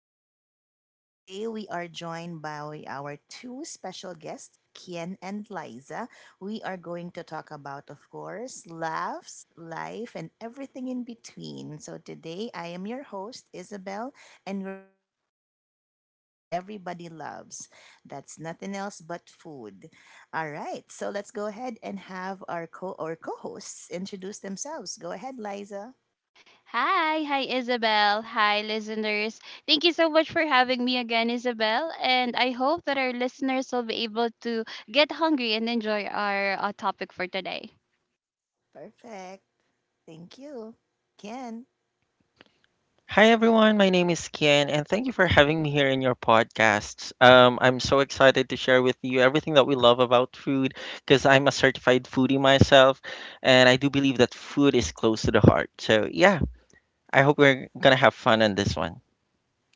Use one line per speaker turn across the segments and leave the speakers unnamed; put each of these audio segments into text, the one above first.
episode. Today, we are joined by our two special guests, Kian and Liza. We are going to talk about, of course, laughs, life, and everything in between. So, today, I am your host, Isabel, and we're going to dive into something that everybody loves, that's nothing else but food. All right, so let's go ahead and have our co- hosts introduce themselves. Go ahead, Liza.
Hi, hi Isabel. Hi listeners. Thank you so much for having me again, Isabel. And I hope that our listeners will be able to get hungry and enjoy our topic for today.
Perfect. Thank you. Can.
Hi everyone, my name is Kian, and thank you for having me here in your podcasts. I'm so excited to share with you everything that we love about food because I'm a certified foodie myself, and I do believe that food is close to the heart. So yeah, I hope we're gonna have fun on this one.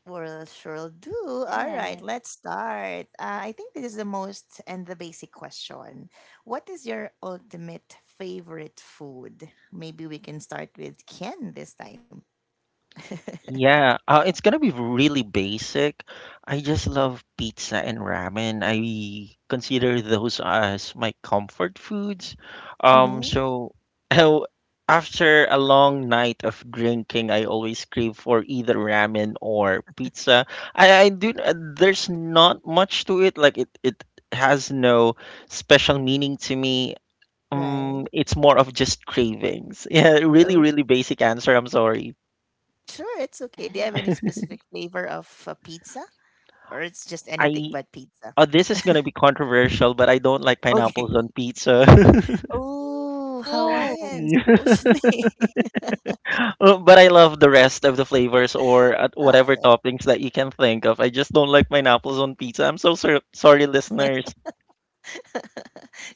We'll sure do. All right,
Yeah.
let's start. I think this is the most and the basic question. What is your ultimate favorite food? Maybe we can start with Ken this time.
Yeah, it's gonna be really basic. I just love pizza and ramen. I consider those as my comfort foods. Um,
Mm-hmm.
so oh, After a long night of drinking, I always crave for either ramen or pizza. I do. There's not much to it. Like it has no special meaning to me.
Right.
It's more of just cravings. Yeah, really,
Oh,
really basic answer. I'm sorry.
sure. It's okay. Do you have any
Yeah.
specific flavor of pizza, or it's just anything
I
but pizza?
Oh, this is gonna be controversial, but I don't like
Okay.
pineapples on pizza.
Oh,
Oh,
Hawaiian,
Yeah.
supposedly.
But I love the rest of the flavors or
Ah,
whatever toppings that you can think of. I just don't like pineapples on pizza. I'm so sorry, listeners.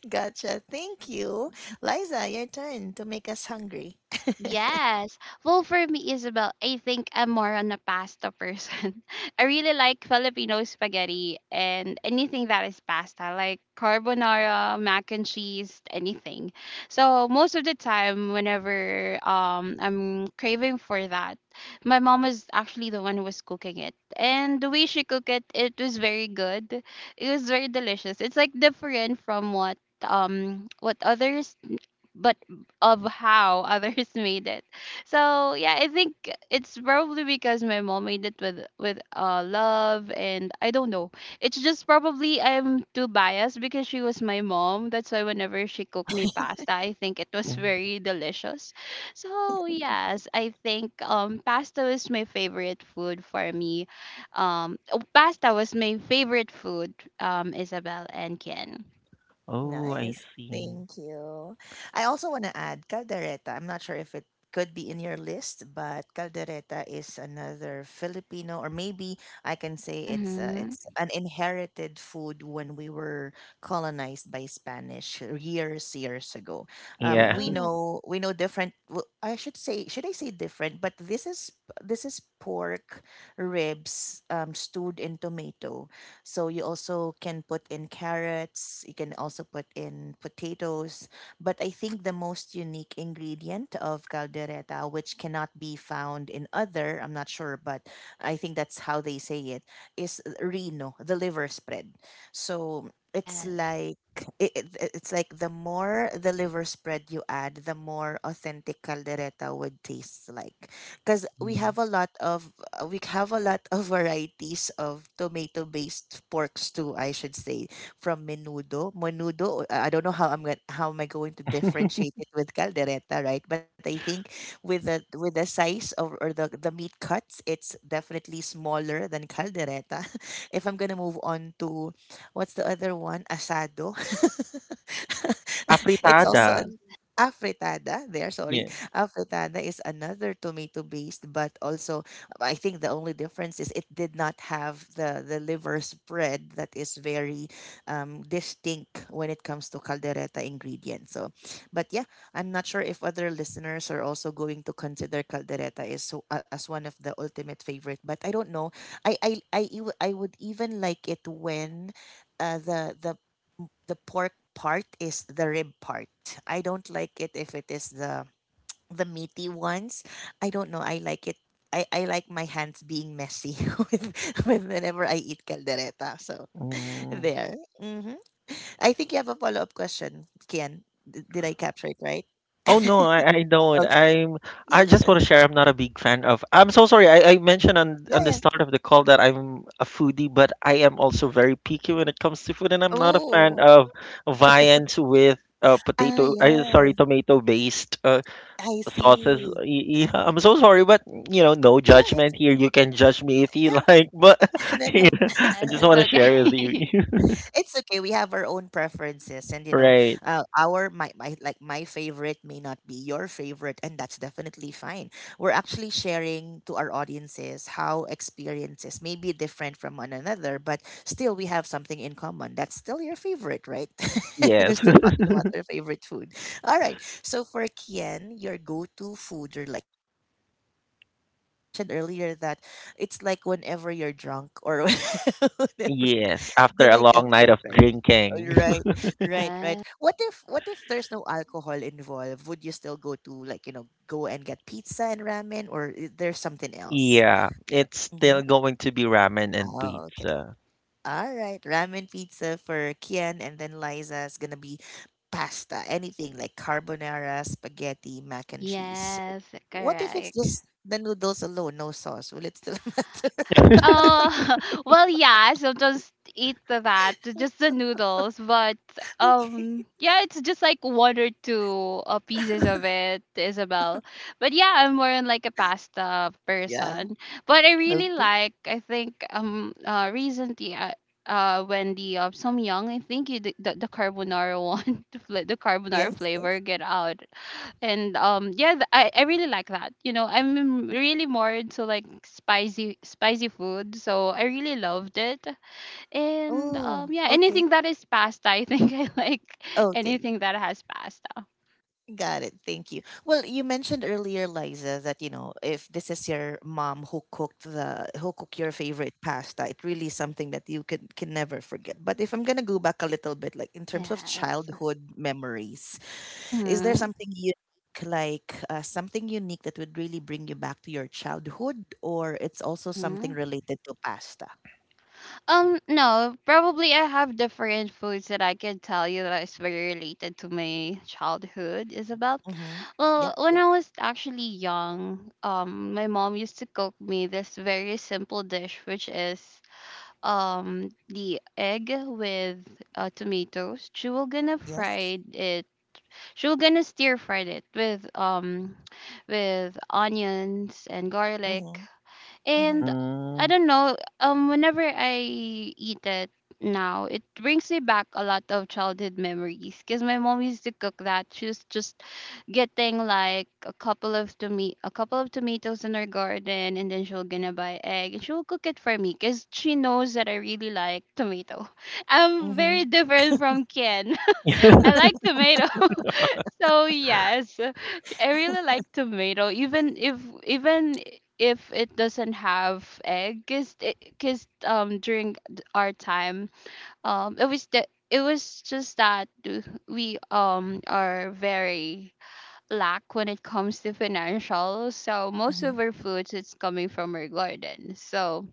gotcha. Thank you, Liza. Your turn to make us hungry.
yes. Well, for me, Isabel, I think I'm more on a pasta person. I really like Filipino spaghetti and anything that is pasta, like carbonara, mac and cheese, anything. So most of the time, whenever I'm craving for that, my mom was actually the one who was cooking it, and the way she cooked it, it was very good. It was very delicious. It's like different from what others but of how others made it. So yeah, I think it's probably because my mom made it with love and I don't know. It's just probably I'm too biased because she was my mom. That's why whenever she cooked me pasta, I think it was
Mm.
very delicious. So yes, I think pasta was my favorite food for me. Oh, pasta was my favorite food, Isabel and Ken.
Oh, I
Nice.
see.
Thank you. I also want to add caldereta. I'm not sure if it could be in your list, but caldereta is another Filipino, or maybe I can say it's
Mhm.
an inherited food when we were colonized by Spanish years years ago. We
Yeah.
Oh,
know we know different. Well, I should say should I say different? But this is pork ribs stewed in tomato, so you also can put in carrots, you can also put in potatoes. But I think the most unique ingredient of caldereta, which cannot be found in other, I'm not sure, but I think that's how they say it, is reno, the liver spread. So it's
yes.
like it's like the more the liver spread you add, the more authentic caldereta would taste like, because we
Mm.
have a lot of we have a lot of varieties of tomato based porks too, I should say, from menudo. I don't know how I'm going how am I going to differentiate it with caldereta, right? But I think with the size of or the meat cuts, it's definitely smaller than caldereta. If I'm going to move on to what's the other one, asado, it's
Afritada.
also
Yes.
an afritada there, sorry.
Yeah.
Afritada is another tomato based, but also I think the only difference is it did not have the liver spread that is very distinct when it comes to caldereta ingredients. So, but yeah, I'm not sure if other listeners are also going to consider caldereta is so, as one of the ultimate favorite. But I don't know. I would even like it when the the pork part is the rib part. I don't like it if it is the meaty ones. I don't know. I like it. I like my hands being messy with, with whenever I eat caldereta. So there. Hmm. I think you have a follow up question, Kian. D- did I capture it right?
Oh no, I don't.
Okay.
I just want to share I'm not a big fan of I'm so sorry. I mentioned on
Yeah,
on the
yeah.
start of the call that I'm a foodie, but I am also very picky when it comes to food and I'm not a fan
Oh,
of viands with
ah,
potato, I
yeah.
sorry, tomato based
I
sauces.
see.
Yeah, I'm so sorry, but no
Yeah, it's
judgment here.
okay.
You can judge me if you
Yeah,
like, but
no,
yeah,
no.
I
Yes,
just
it's
want to share with you.
okay.
It's okay. We have our own preferences, and you know,
Right.
our my, my favorite may not be your favorite, and that's definitely fine. We're actually sharing to our audiences how experiences may be different from one another, but still we have something in common. That's still your favorite, right? And
Yes.
we're still talking about our favorite food. All right. So for Kian, your go-to food or like your ultimate favorite, but you mentioned earlier that it's like whenever you're drunk or whenever,
Yes, after
did
a
I
long night
capture it
of
right? Oh,
drinking.
right, right, right.
Yeah.
What if there's no alcohol involved? Would you still go to, like, you know, go and get pizza and ramen, or is there something else?
Yeah, it's still
Hmm.
going to be ramen and
Oh, okay.
pizza.
All right, ramen pizza for Kian, and then Liza's gonna be pasta, anything like carbonara, spaghetti, mac and cheese.
Yes,
What if it's
correct.
just the noodles alone, no sauce? Will it still matter?
Oh, well, yeah, so just eat just the noodles, but yeah, it's just like one or two pieces of it, Isabel. But yeah, I'm more on like a pasta
Yeah.
person. But I really
Okay.
like, I think recently, when the some young, I think you, the carbonara one, the, fla- the carbonara
Yes. Yes.
flavor get out and yeah, I really like that, you know. I'm really more into like spicy food, so I really loved it. And
Oh.
yeah,
Okay.
anything that is pasta, I think I like
Okay.
anything that has pasta.
Got it. Thank you. Well, you mentioned earlier, Liza, that, you know, if this is your mom who cooked your favorite pasta, it really is something that you can never forget. But if I'm gonna go back a little bit, like in terms of
Yes.
childhood memories, is there
Mm-hmm.
something unique, like something unique that would really bring you back to your childhood, or it's also something
Mm-hmm.
related to pasta?
No, probably I have different foods that I can tell you that is very related to my childhood, Isabel.
Mhm. Yep,
Well, when
yep.
I was actually young, my mom used to cook me this very simple dish, which is the egg with tomatoes. She will gonna
Yes.
fry it. She will gonna stir fry it with onions and garlic,
Mhm. Mhm.
and I
Mm.
don't know, whenever I eat it now, it brings me back a lot of childhood memories because my mom used to cook that. She was just getting like a couple of tomatoes in her garden, and then she'll gonna buy egg and she'll cook it for me because she knows that I really like tomato. I'm
Mhm.
very different from Ken. I like tomato. So yes, I really like tomato, even even if it doesn't have egg, cause it, cause our time, it was just that we are very lack when it comes to financial. So most of
Mhm.
our foods it's coming from our garden. So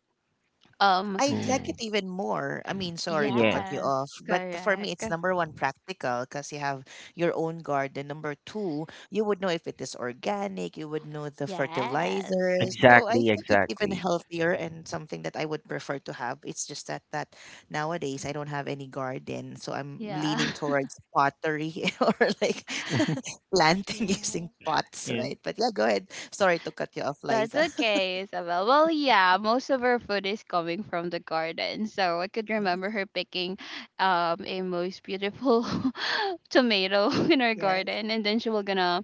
um
I like it
Ooh.
even more. I mean, sorry to cut
Yes,
you
yes,
off, but for me,
correct.
it's number one practical because you have your own garden. Number two, you would know if it is organic, you would know the
Yes.
fertilizers. So I
exactly,
think it's even
exactly.
healthier and something that I would prefer to have. It's just that nowadays I don't have any garden, so I'm
Yeah.
leaning towards pottery or like planting using
yes.
pots,
Yeah.
right? But yeah, go ahead. Sorry to cut you off,
That's
Liza.
okay, Isabel. Well, yeah, most of our food is coming from the garden. So I could remember her picking a most beautiful tomato in our
Yeah.
garden, and then she was gonna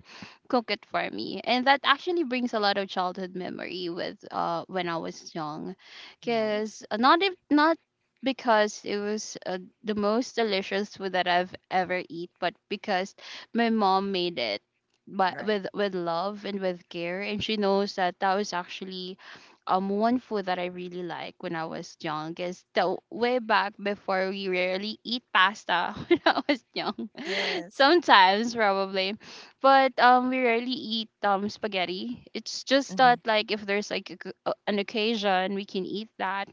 cook it for me. And that actually brings a lot of childhood memory with when I was young, because
Nice.
not because it was the most delicious food that I've ever eat, but because my mom made it but
Right.
with love and with care, and she knows that that was actually one food that I really like when I was young is the way back before we rarely eat pasta when I was young.
Yes.
Sometimes probably. But we rarely eat spaghetti. It's just
Mm-hmm.
that like if there's like an occasion, we can eat that,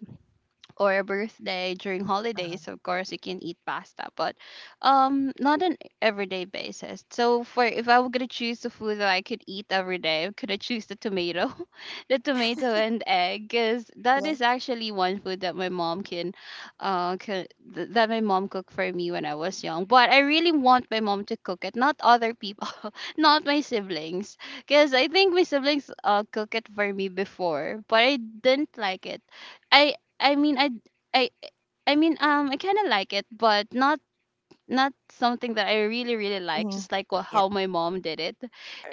or a birthday. During
Uh-huh.
holidays, of course, you can eat pasta, but not on everyday basis. So for if I were going to choose the food that I could eat every day, could I choose the tomato the tomato and egg, because that is
Yes.
actually one food that my mom can, th- that my mom cooked for me when I was young, but I really want my mom to cook it, not other people. Not my siblings, because I think my siblings cook it for me before, but I didn't like it. I I mean, I I I mean, I kind of like it, but not not something that I really really like.
Mm-hmm.
Just like
Yeah,
how my mom did it,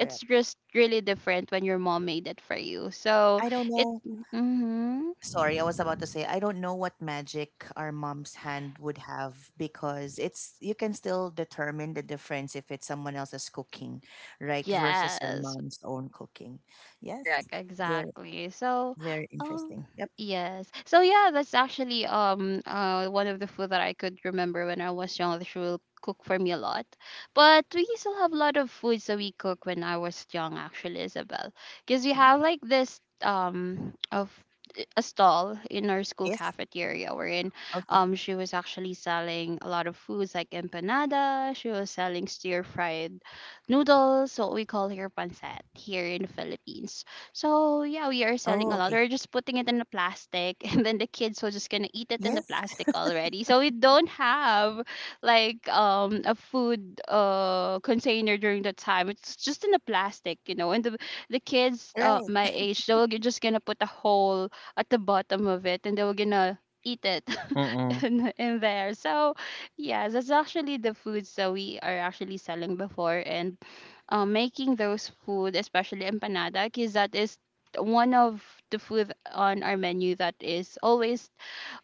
it's just really different when your mom made it for you. So
I don't
it.
know.
Mm-hmm.
Sorry, I was about to say, I don't know what magic our mom's hand would have, because it's you can still determine the difference if it's someone else's cooking, right, versus your
Yes.
mom's own cooking. Yes.
Correct,
Very
exactly. So,
very
um,
interesting. Yep.
yes. So yeah, that's actually one of the food that I could remember when I was young. She will cook for me a lot, but we still have a lot of foods that we cook when I was young, actually, Isabel, because we
Yeah.
have like a stall in our school
Yes.
cafeteria wherein
Okay.
she was actually selling a lot of foods like empanada. She was selling stir fried noodles, what we call here pancit, here in the Philippines. So yeah, we
Oh,
are
okay.
selling a lot. We're just putting it in the plastic, and then the kids were just gonna eat it
Yes.
in the plastic already. So we don't have like a food container during the time. It's just in the plastic, you know. And the kids
Right.
my age, they were just gonna put a hole at the bottom of it, and they were gonna eat it
Mm-mm.
in there. So yes, that's actually the foods that we are actually selling before, and making those food, especially empanada, because that is one of the food on our menu that is always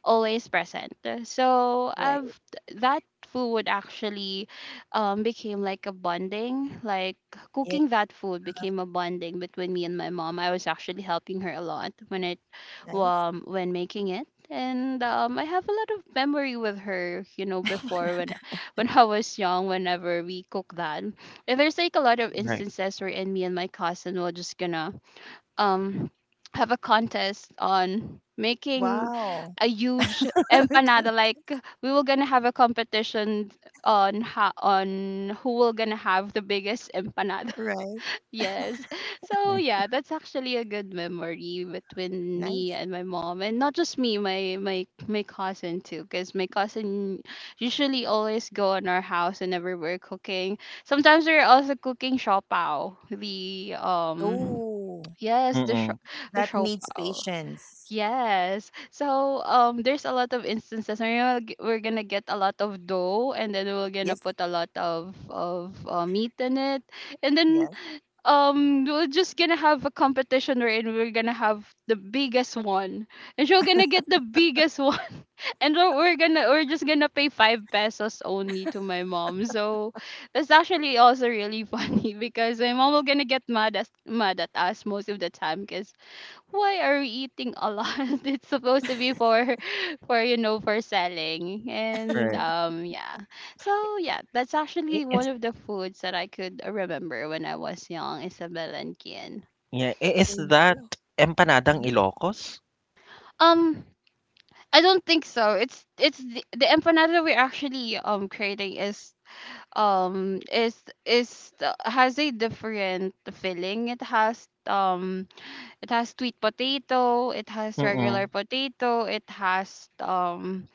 always present. So
Right.
I've that food actually became like a bonding. Like
Yeah.
cooking that food became a bonding between me and my mom. I was actually helping her a lot when it
Nice.
when making it. And I have a lot of memory with her, you know, before when when I was young, whenever we cook that. And there's like a lot of
Right.
instances where in me and my cousin were just gonna um have a contest on making
Wow.
a huge empanada. Like we were gonna have a competition on who will gonna have the biggest empanada.
Right.
Yes. So
Yeah.
yeah, that's actually a good memory between me
Nice.
and my mom, and not just me, my cousin too, because my cousin usually always go in our house whenever we're cooking. Sometimes we're also cooking shopao, the
Oh,
yes
Mm-mm.
the
that needs
shopao.
patience.
Yes. So there's a lot of instances where we're gonna get a lot of dough, and then we're gonna
Yes,
put a lot of meat in it. And then
yes,
we're just gonna have a competition wherein we're gonna have the biggest one, and she'll gonna get the biggest one, and we're just gonna pay five pesos only to my mom. So that's actually also really funny, because my mom will gonna get mad at us most of the time because why are we eating a lot? It's supposed to be for for, you know, for selling. And
Right.
yeah. So yeah, that's
I-
actually one
Is,
of the foods that I could remember when I was young, Isabel and Kian.
yeah. Is
thank
that
you.
empanadang
Mhm.
Ilocos?
Um I don't think so. The empanada we're actually creating um is has a different filling. It has sweet potato, it has regular
Mm-mm.
potato, it has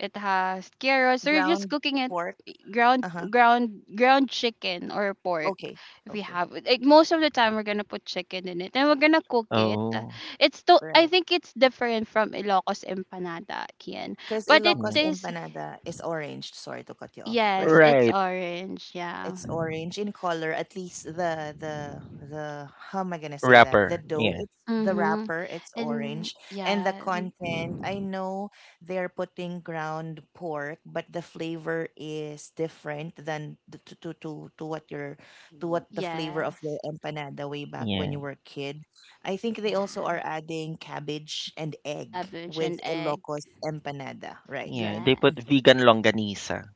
it has carrots. They're just
Ground
cooking it
pork. Uh huh.
ground chicken or pork
Okay,
if we
okay,
have it. Like most of the time we're gonna put chicken in it and we're gonna cook it.
Oh.
It's to I
right.
think it's different from Ilocos empanada, Kian.
Because
But it
Ilocos
Yeah.
tastes
empanada is orange. Sorry to cut you off,
yes,
right?
it's
Right.
orange, yeah.
It's orange in color. At least the the how am I gonna say that? The
Wrapper.
dough,
Yeah.
it's the
Mm-hmm.
wrapper, it's
And
orange, and the
yeah,
content. I know they're putting ground pork, but the flavor is different than the, to what your, to what the flavor of
yes,
the empanada way back when you
Yeah.
were a kid. I think they also are
yeah.
adding cabbage and egg
Cabbage and
with
egg.
Ilocos empanada. Right,
Yeah.
right.
They put
Mm-hmm.
Yes.
vegan longanisa.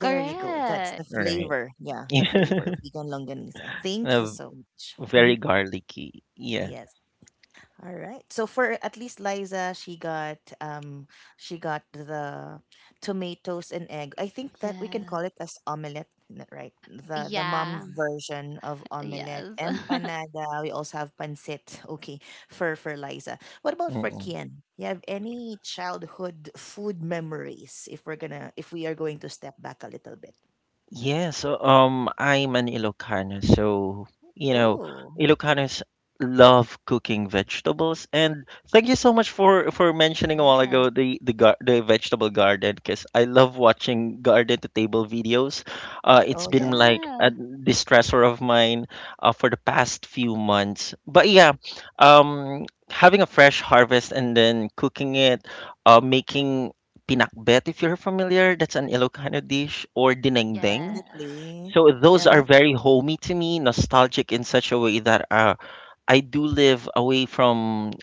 There you go. That's
Correct.
the
Right.
flavor. Yeah, the flavor of vegan longanisa. Thank you
Yeah.
so much. Hmm.
Very garlicky. Yeah.
Yes. All right. So for at least Liza, she got the tomatoes and egg. I think that we can call it
Yes.
as omelette, n- right? The mom
Yeah.
version of omelette,
Yes.
empanada. We also have pancit. Okay, for Liza. What about for
Mm-mm.
Kian? You have any childhood food memories? If we're gonna, if we are going to step back a little bit.
Yeah, so I'm an Ilocano, so you know,
Oh.
Ilocanos love cooking vegetables. And thank you so much for mentioning a while
Yes.
ago the vegetable garden, because I love watching garden to table videos. It's
Oh
been
yes,
like a
Yeah.
distressor of mine for the past few months. But yeah, um, having a fresh harvest and then cooking it, making pinakbet, if you're familiar, that's an Ilocano dish, or dinengdeng.
Yes.
definitely.
So
Yes.
those
Uh-huh.
are very homey to me, nostalgic in such a way that I do live away from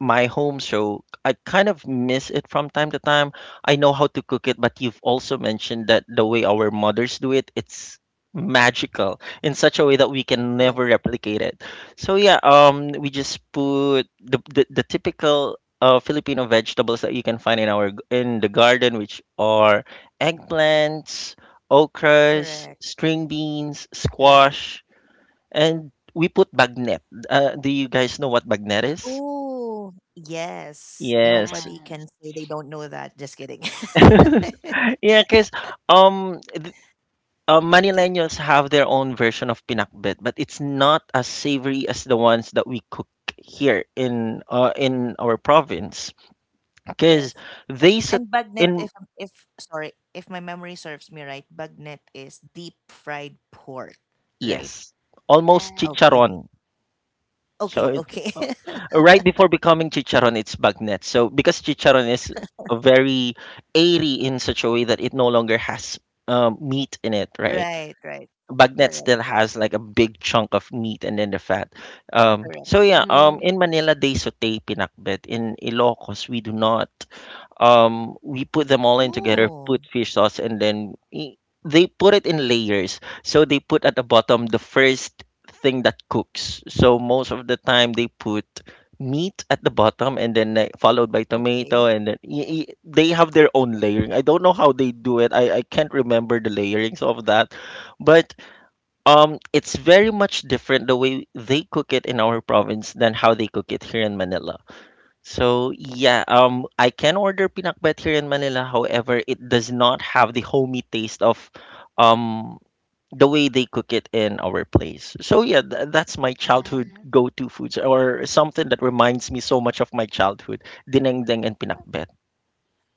my home show, I kind of miss it from time to time. I know how to cook it, but you've also mentioned that the way our mothers do it, it's magical in such a way that we can
Yes,
never replicate it. So yeah, we just put the typical Filipino vegetables that you can find in the garden, which are eggplants, okras,
correct.
string beans,
Right.
squash, and we put bagnet. Do you guys know what bagnet is?
Oh yes.
Yes,
Nobody can
Yes.
say they don't know that. Just kidding.
yeah, because um, th- Manileños have their own version of pinakbet, but it's not as savory as the ones that we cook here in our province. Because
Yes.
they sit
And bagnet,
in
if sorry, if my memory serves me right, bagnet is deep fried pork, right?
yes, almost
Yes.
Okay, okay,
chicharon. So
okay,
it's
okay.
right before becoming chicharon, it's bagnet. So because chicharon is a very airy in such a way that it no longer has meat in it, right?
Right, right.
Bagnet
Correct,
still
correct,
has like a big chunk of meat and then the fat.
correct.
So yeah,
Mm-hmm.
in Manila they saute pinakbet. In Ilocos we do not. We put them all in together,
Oh,
put fish sauce, and then they put it in layers. So they put at the bottom the first thing that cooks. So most of the time they put meat at the bottom and then like, followed by tomato,
okay.
and then they have their own layering. I don't know how they do it. I can't remember the layerings of that. But it's very much different the way they cook it in our province than how they cook it here in Manila. So yeah, I can order pinakbet here in Manila. However, it does not have the homey taste of, um, the way they cook it in our place. So yeah, that's my childhood
Yeah.
go-to foods or something that reminds me so much of my childhood. Dinengdeng and pinakbet.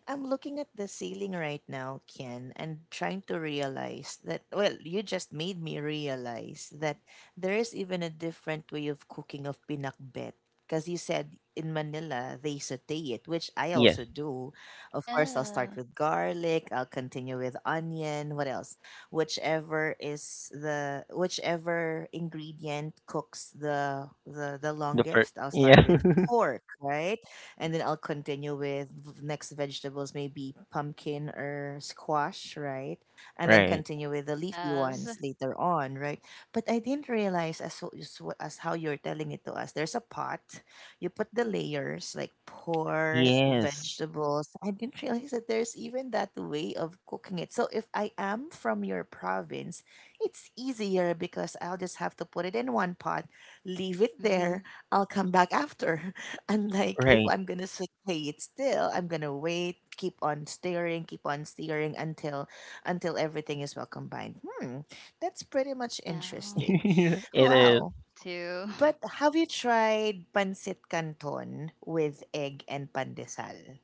I'm looking at the ceiling right now, Ken, and trying to realize that, well, you just made me realize that there is even a different way of cooking of pinakbet. Because you said in Manila, they saute it, which I
Yes,
also do. Of course, I'll start
Yeah.
with garlic, I'll continue with onion, what else? Whichever is the, whichever ingredient cooks the
the first.
longest, I'll
Yeah,
start with pork, right? And then I'll continue with next vegetables, maybe pumpkin or squash, right? And then
right.
continue with the leafy
Yes.
ones later on, right? But I didn't realize as how you're telling it to us. There's a pot. You put the layers like pork,
Yes,
vegetables. I didn't realize that there's even that way of cooking it. So if I am from your province, it's easier because I'll just have to put it in one pot, leave it there.
Mm-hmm.
I'll come back after. And like, if
right.
I'm gonna s- stay it still, I'm gonna wait, keep on staring until everything is well combined. Hmm, that's pretty much
Yeah.
interesting.
It is.
Wow.
Me too.
But have you tried pancit canton with egg and pandesal?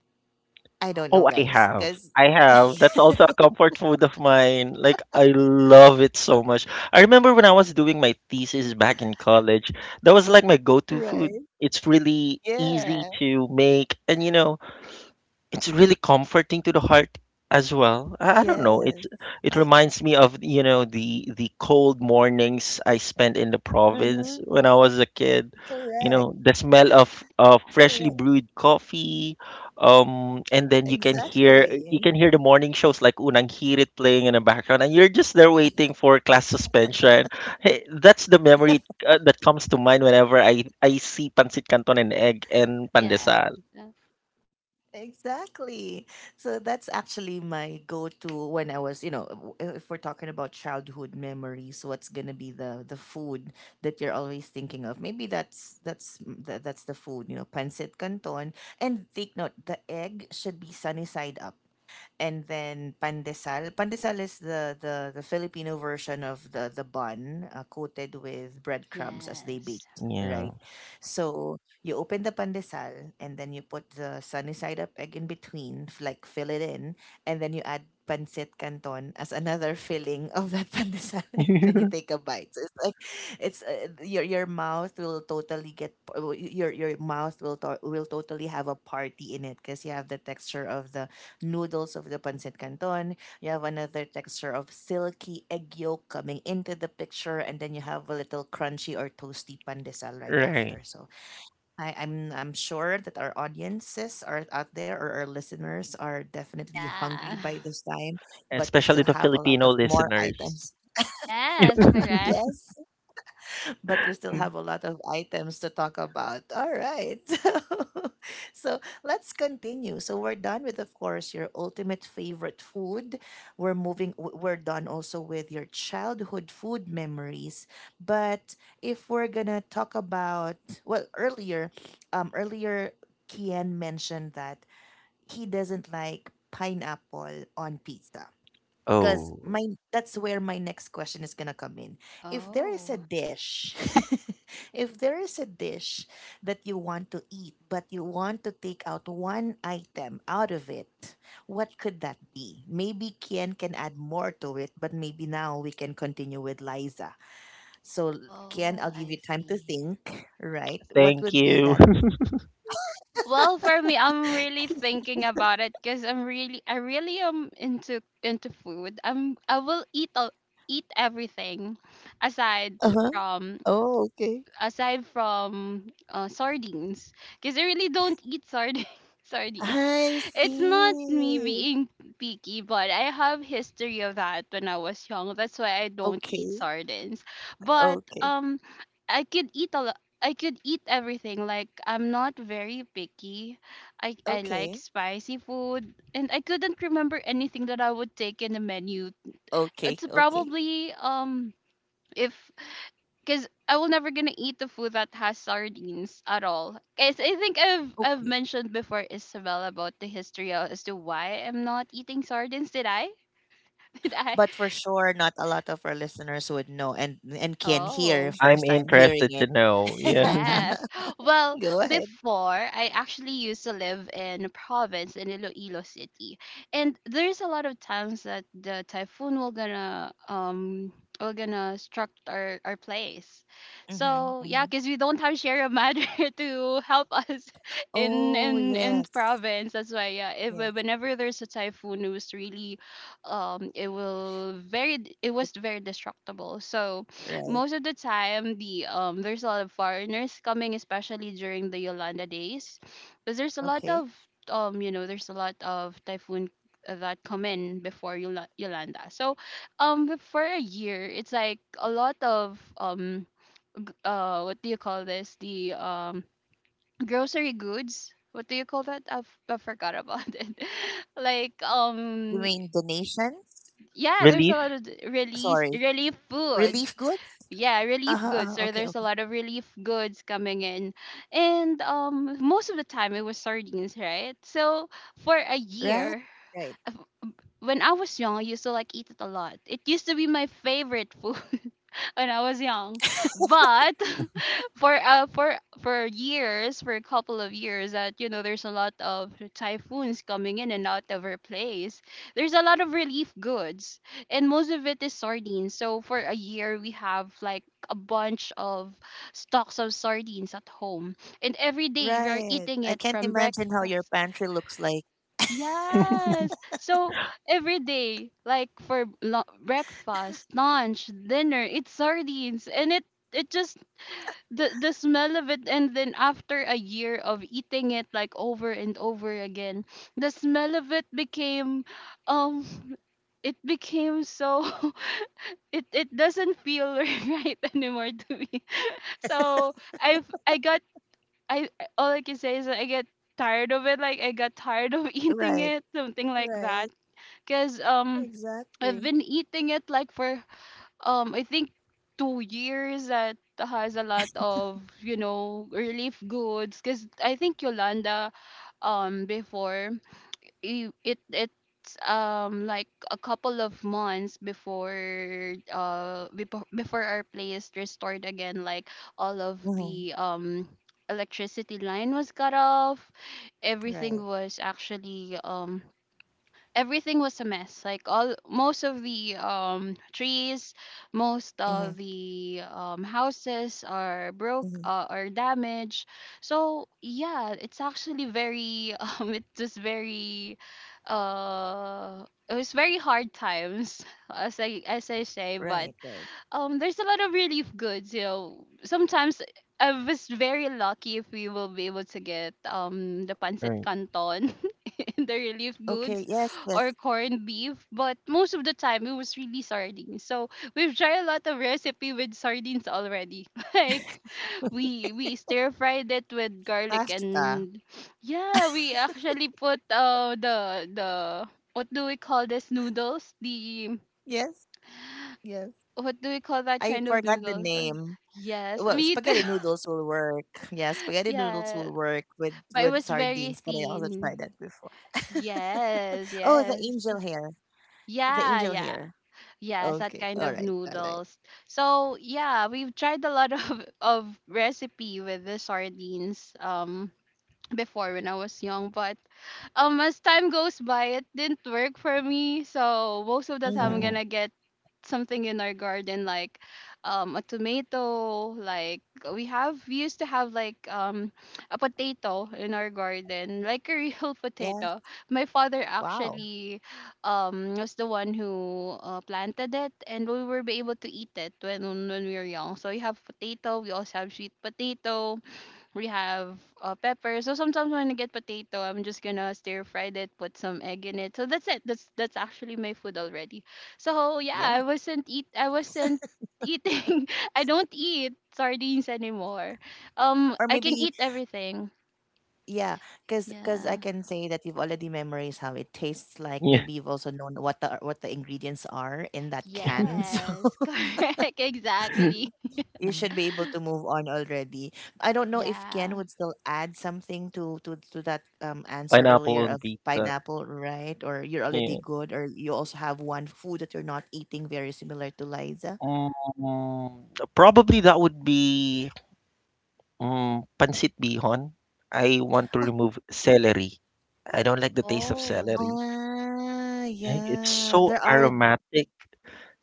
I don't know,
Oh, I
guys,
have.
because
I have. That's also a comfort food of mine. Like, I love it so much. I remember when I was doing my thesis back in college, that was like my go to food.
right,
It's really easy
yeah,
to make. And, it's really comforting to the heart as well. I don't
yeah,
know. It
I-
reminds me of the cold mornings I spent in the province
mhm,
when I was a kid. You
correct,
know the smell of freshly
correct,
brewed coffee, and then you can hear you
exactly.
can hear the morning shows like Unang Hirit playing in the background, and you're just there waiting for class suspension. Hey, that's the memory that comes to mind whenever I see pancit canton and egg and pandesal.
Yes.
Exactly. So that's actually my go-to when I was, you know, w- if we're talking about childhood memories, what's gonna be the food that you're always thinking of? Maybe that's that's the food, you know, pancit canton. And take note, the egg should be sunny side up, and then pandesal. Pandesal is the Filipino version of the bun coated with breadcrumbs as they bake,
Yes.
Yeah.
right? So you open the pandesal and then you put the sunny side up egg in between, like fill it in, and then you add pancit canton as another filling of that pandesal, and then you take a bite. So it's like it's your mouth will totally your mouth will will totally have a party in it because you have the texture of the noodles of the pancit canton. You have another texture of silky egg yolk coming into the picture, and then you have a little crunchy or toasty pandesal right
Right,
after. So I'm sure that our audiences are out there or our listeners are definitely hungry
Yeah.
by this time, but we still
especially the
have a lot
Filipino
of more
listeners.
items.
Yes, correct.
Yes, but we still
Mm.
have a lot of items to talk about. All right. So let's continue. So we're done with, of course, your ultimate favorite food. We're moving, we're done also with your childhood food memories. But if we're going to talk about, well, earlier, earlier, Kian mentioned that he doesn't like pineapple on pizza. Because
Oh,
my that's where my next question is gonna come in. If there is a
Oh.
dish, if there is a dish that you want to eat, but you want to take out one item out of it, what could that be? Maybe Kian can add more to it, but maybe now we can continue with Liza. So Kian,
Oh,
I'll give
I
you time to
see.
think. Right? What
thank
would be
you.
that?
Well, for me, I'm really thinking about it because I'm really, I really am into food. I will eat eat everything aside
Uh huh.
from
Oh, okay.
aside from sardines, because I really don't eat sardines. Sardines.
I
It's not me
see.
being picky, but I have history of that when I was young. That's why I don't eat
Okay.
sardines. But
Okay.
I could eat a lot. I could eat everything. Like I'm not very picky. I like
Okay.
spicy food, and I couldn't remember anything that I would take in the menu.
Okay,
It's
okay.
probably if because I will never gonna eat the food that has sardines at all. Guys, I think I've
Okay.
mentioned before Isabel about the history of, as to why I'm not eating sardines. Did I? Did I?
But for sure not a lot of our listeners would know and can hear
Oh.
I'm
first time hearing
interested to
it.
know. Yeah.
Yes. Well,
Go ahead.
before I actually used to live in a province in Iloilo City. And there's a lot of times that the typhoon will gonna will gonna struck our place.
Mm-hmm,
So
mm-hmm.
yeah, because we don't have Sierra Madre to help us in
Oh,
in
yes.
province. That's why yeah, if
Yes.
whenever there's a typhoon it was really it will very it was
That's
very destructible. So
right.
most of the time the there's a lot of foreigners coming, especially during the Yolanda days, because there's a lot of
Okay.
there's a lot of typhoon that come in before Yolanda. So but for a year it's like a lot of what do you call this, the grocery goods? What do you call that? I forgot about it, like
You mean donations?
yeah, there's a
Relief?
lot of release
Sorry.
relief foods.
Relief goods?
Yeah, relief
Uh-huh,
goods,
uh-huh.
so
Okay.
there's a
Okay.
lot of relief goods coming in. And most of the time it was sardines, right? So for a
Right.
year,
Right.
uh, when I was young, I used to like eat it a lot. It used to be my favorite food when I was young. But for for years, for a couple of years that you know there's a lot of typhoons coming in and out of our place. There's a lot of relief goods and most of it is sardines. So for a year we have like a bunch of stocks of sardines at home. And every day we are
Right.
eating
I
it
can't
from
imagine how your
breakfast.
pantry looks like.
Yes. So every day, like for breakfast, lunch, dinner, it's sardines, and it just the smell of it, and then after a year of eating it like over and over again, the smell of um, it became so it doesn't feel right anymore to me. So I've I got I all I can say is that I get tired of it. Like I got tired of eating it,
Right.
something like that.
Right.
Cause I've been
Exactly.
eating it like for I think 2 years that has a lot of you know relief goods because I think Yolanda um before it it's like a couple of months before before our place restored again, like all of the
Mm-hmm.
um electricity line was cut off, everything
Right.
was actually everything was a mess, like all most of the trees, most of
Mm-hmm.
the houses are broke,
Mm-hmm.
or damaged. So yeah, it's actually very it was very hard times as I
Right.
say.
Right.
But there's a lot of relief goods, you know, sometimes I was very lucky if we will be able to get the
Right.
pancit canton and the relief
Okay.
goods,
Yes. Yes.
or corned beef, but most of the time it was really sardines. So we've tried a lot of recipe with sardines already, like we stir fried it with garlic
Pasta.
and yeah, we actually put the what do we call this, noodles, the
Yes, yes.
what do we call that
I
kind of
forgot the
noodles?
name.
Yes,
Well,
me too.
spaghetti noodles will work. Yeah, spaghetti noodles
Yeah,
will work with
but it
with
was very
sardines, but I also
thin.
tried that before.
Yes,
Oh, the
yes.
angel hair. The
Yeah,
angel
yeah.
hair.
Yes, that
Okay.
kind
All
of
right. All right.
noodles. So yeah, we've tried a lot of of recipe with the sardines before when I was young, but as time goes by it didn't work for me. So most of the time I'm
Mm-mm.
Mm-hmm.
gonna get something in our garden, like a tomato, like we used to have like a potato in our garden, like a real
Yes.
potato. My father
Wow.
actually was the one who planted it, and we were be able to eat it when we were young. So we have potato, we also have sweet potato, we have pepper. So sometimes when I get potato, I'm just gonna stir fry it, put some egg in it. So that's it. That's actually my food already. So yeah,
Yeah.
I wasn't eating. I don't eat sardines anymore.
Or
I can
maybe,
eat everything.
yeah, because cause I
Yeah.
can say that you've already memorized how it tastes like.
Yeah.
Maybe you've also known what the ingredients are in that can. So
Yes. Correct. Exactly.
you should
Mm.
be able to move on already. I don't know if Ken
Yeah.
would still add something to that answer
Pineapple
earlier
on
of
pizza.
pineapple, right? Or you're already
Yeah.
good, or you also have one food that you're not eating very similar to Liza.
Mm, Probably that would be pancit bihon. I want to remove celery. I don't like the taste of
Oh.
celery.
Ah,
Like, it's
yeah.
so
There are
aromatic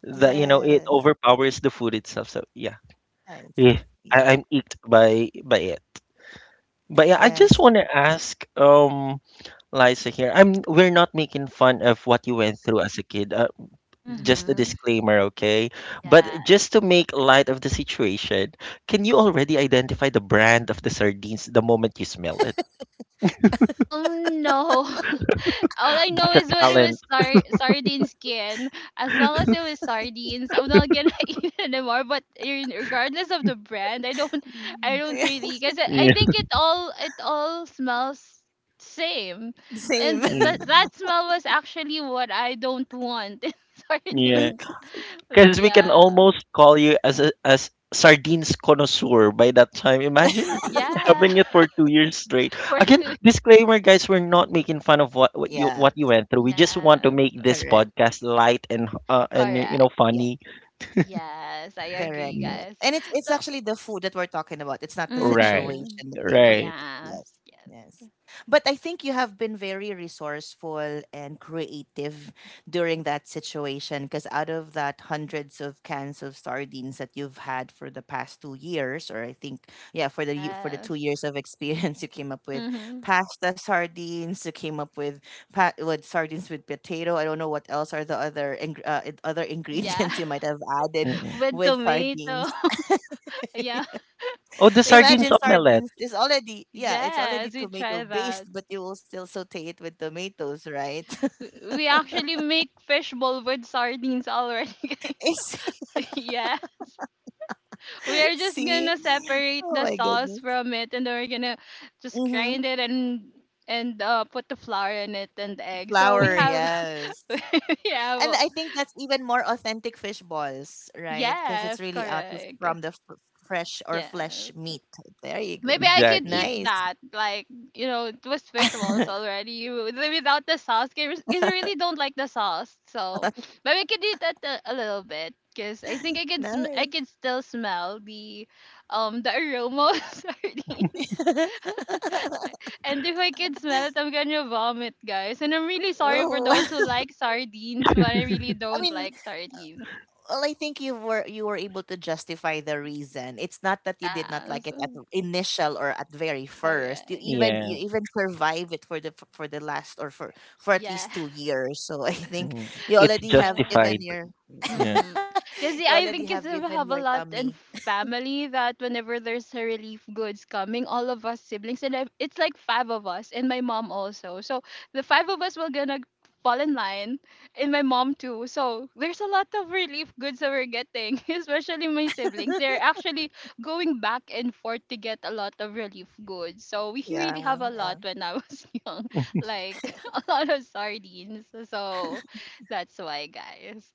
that it
yes.
overpowers the food itself. So yeah,
I see.
yeah,
Yeah.
I'm eeked by it. But yeah, I
Yes.
just want to ask Liza here. I'm We're not making fun of what you went through as a kid. Just a
Mhm.
disclaimer, okay? But
Yes.
just to make light of the situation, can you already identify the brand of the sardines the moment you smell it?
Um, no. All I know is when it
Talent.
was sardine skin. As long as it was sardines, I'm not gonna eat it anymore. But regardless of the brand, I don't really, because I
Yeah,
think it all smells same,
Same.
and
yeah,
that smell was actually what I don't want in
yeah.
sardines.
Okay.
Like,
Because we can
yeah,
almost call you as a as sardines connoisseur by that time. Imagine
yeah,
having it for 2 years straight.
for it
Again,
to,
disclaimer, guys, we're not making fun of
Yeah.
what you went through. We just want to
yes,
make this
Correct.
podcast light and
correct.
funny.
Yes, I agree,
Correct,
Mm,
correct.
guys.
And it's
So,
actually the food that we're talking about. It's not the
right,
mhm,
situation that they were in.
right.
Yes.
yes.
Yes. But I think you have been very resourceful and creative during that situation because out of that hundreds of cans of sardines that you've had for the past 2 years or I think yeah for the for the
Yes.
2 years of experience you came up with
Mm-hmm.
pasta sardines, you came up with with sardines with potato. I don't know what else are the other other
Yeah.
ingredients you might have added
Mm-mm.
With
with
tomato.
sardines.
Yeah.
Oh, the
We
sardines
still,
Imagine
omelette.
sardines is already, yeah, it's already
yes, we
tomato
try that.
based, but you will still saute it with tomatoes, right?
We we actually make fishbowl with sardines already, guys.
It's-
Yeah. We are just
See?
gonna separate
Oh
the
my
sauce
goodness.
from it, and then we're gonna just
Mm-hmm.
grind it and put the flour in it and the egg. So we
Flour,
have
yes.
we
And
have
I think that's even more authentic fish balls, right? Because it's
yes,
really out of,
correct.
from fresh or flesh
Yes.
meat. There you go.
Maybe I can
Exactly.
eat
Nice.
that. Like, you know, it was visuals already without the sauce. Because I really don't like the sauce. So, but we can eat that a little bit. Because I think I can
Nice.
still smell the aroma of sardines. And if I can smell it, I'm gonna vomit, guys. And I'm really sorry for those
Oh.
who like sardines, but I really
I
don't
mean,
like sardines.
well, I think you were able to justify the reason. It's not that you did not
Yeah,
like it at
so
the initial or at very first.
correct.
Yeah,
You even survive it for the last or for at
Yeah.
least 2 years. So I think
mm,
you
it's
already have
Yes.
given
justified.
your
Yeah,
Mm-hmm. Cause
you
yeah, I
already
think
have
kasi
given
we
your
have a lot
tummy.
in family that whenever there's a relief goods coming, all of us siblings and I, it's like five of us and my mom also. So the five of us were gonna fall in line and my mom too. So there's a lot of relief goods that we're getting, especially my siblings. They're actually going back and forth to get a lot of relief goods. So we really have
Yeah,
a lot
yeah.
when I was young, like a lot of sardines. So that's why, guys.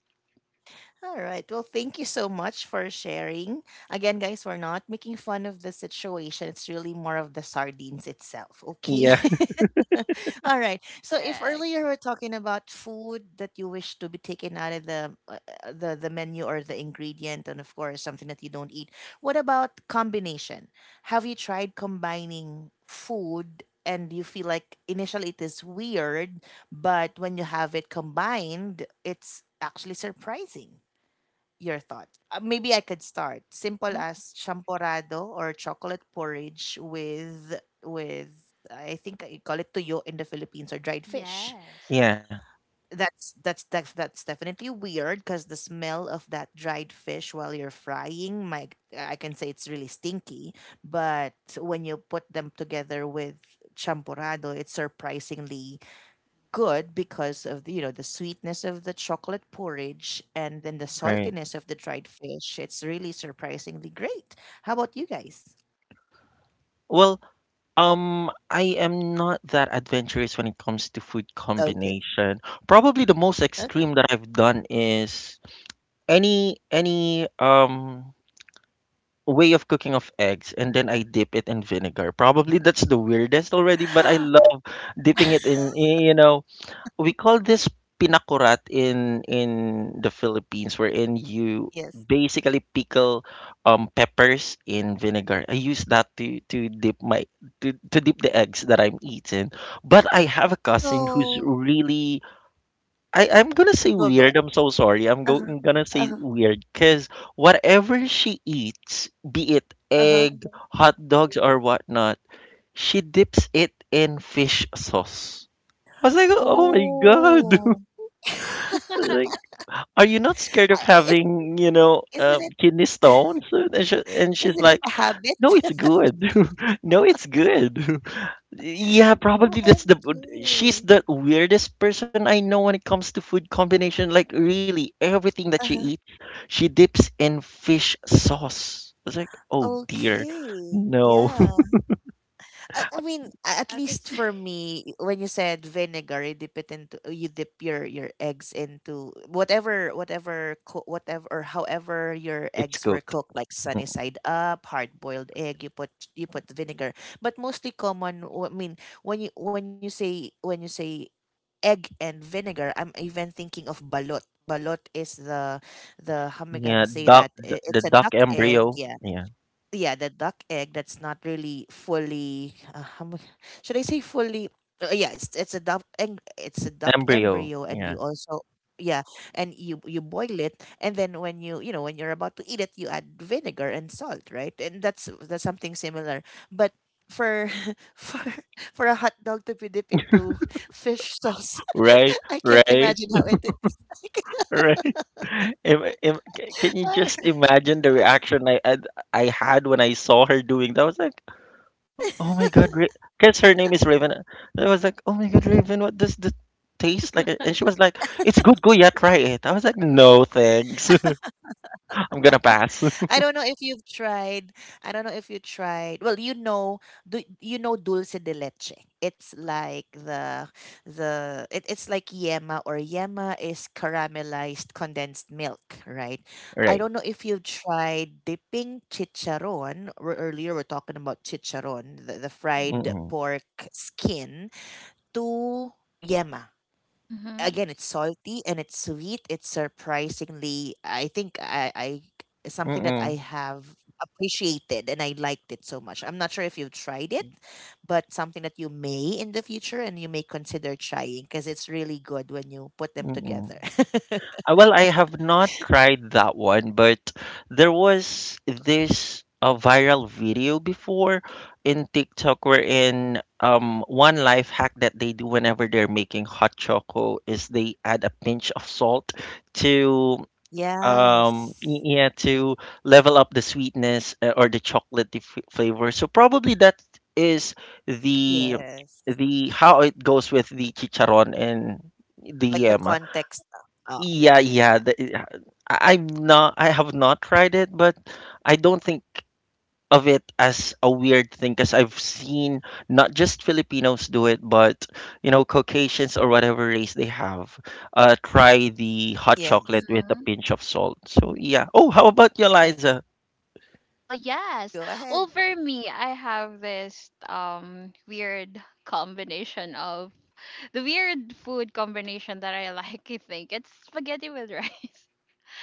All right. Well, thank you so much for sharing. Again, guys, we're not making fun of the situation. It's really more of the sardines itself. Okay.
yeah,
All right. So if
Correct.
earlier we're talking about food that you wish to be taken out of the menu or the ingredient, and of course something that you don't eat, what about combination? Have you tried combining food? And you feel like initially it is weird, but when you have it combined, it's actually surprising your thoughts. Maybe I could start simple
Mm-hmm.
as champorado or chocolate porridge with I think I call it tuyo in the Philippines or dried fish.
Yes.
yeah.
That's definitely weird because the smell of that dried fish while you're frying, my I can say it's really stinky. But when you put them together with champorado, it's surprisingly good because of the, you know, the sweetness of the chocolate porridge and then the
Right.
saltiness of the dried fish. It's really surprisingly great. How about you guys?
Well, I am not that adventurous when it comes to food
Okay.
combination. Probably the most
Okay.
extreme that I've done is any way of cooking of eggs and then I dip it in vinegar. Probably that's the weirdest already, but I love dipping it in you know, we call this pinakurat in the Philippines, wherein you
Yes.
basically pickle peppers in vinegar. I use that to dip the eggs that I'm eating. But I have a cousin who's
So
really I'm gonna say
go go.
weird. I'm so sorry. I'm, go,
Uh-huh.
I'm gonna say
Uh-huh.
weird because whatever she eats, be it
Uh-huh.
egg, hot dogs, or whatnot, she dips it in fish sauce. I was like, oh
Oh,
my god.
Oh.
Like, are you not scared of
I- It,
having,
isn't it
kidney stones? And, she, and she's
isn't it
like,
a
no,
habit?
it's good. No, it's good. Yeah, probably that's the. She's
OMG.
the weirdest person I know when it comes to food combination. Like, really, everything that she
Uh-huh.
eats, she dips in fish sauce. I was like, oh dear,
Okay.
no,
Yeah. I mean, at
yeah, that's
least for me, when you said vinegar, you dip it into you dip your eggs into whatever whatever or however your
it's
eggs were
cooked.
cooked, like sunny
Mm,
side up, hard boiled egg. You put vinegar, but mostly common. I mean, when you say egg and vinegar, I'm even thinking of balot. Balot is the how am I
yeah,
gonna say
duck,
that?
the, the
It's a
duck
duck egg,
embryo.
yeah
Yeah,
yeah, the duck egg that's not really fully. Should I say fully? Yeah, it's a duck egg. It's a duck
embryo.
embryo, and
Yeah,
you also yeah, and you boil it, and then when you know when you're about to eat it, you add vinegar and salt, right? And that's something similar, but. For for for a hot dog to be dipped into fish sauce,
right,
I can't
right.
imagine how it.
Right. Can you just imagine the reaction I had when I saw her doing that? I was like, oh my god, because her name is Raven. I was like, oh my god, Raven, what does the taste like? And she was like, it's good, go yeah, try it. I was like, no thanks, I'm gonna pass.
I don't know if you've tried. I don't know if you tried. Well, you know, do you know dulce de leche? It's like the it, it's like yema or yema is caramelized condensed milk, right? I
Right.
don't know if you've tried dipping chicharon. Or earlier we're talking about chicharon, the fried
Mm-mm.
pork skin to yema
Mm-hmm.
again it's salty and it's sweet it's surprisingly I think I something that I
Mm-mm.
have appreciated and I liked it so much I'm not sure if you've tried it but something that you may in the future and you may consider trying because it's really good when you put them
Mm-mm.
together
Well, I have not tried that one, but there was this viral video before in TikTok wherein one life hack that they do whenever they're making hot choco is they add a pinch of salt to
yes
to level up the sweetness or the chocolatey f flavor. So probably that is the the
yes
how it goes with the chicharon and the yema.
like the context
Yeah,
oh
yeah.
yeah yeah
I'm not. I have not tried it, but I don't think of it as a weird thing because I've seen not just Filipinos do it, but you know, Caucasians or whatever race they have, try the hot chocolate with a
Mm-hmm.
yeah
pinch of salt. So yeah. Oh, how about you, Liza?
I,
Well, yes. Well, for
go
me, I
ahead
have this weird combination of the weird food combination that I like, I think. It's spaghetti with rice.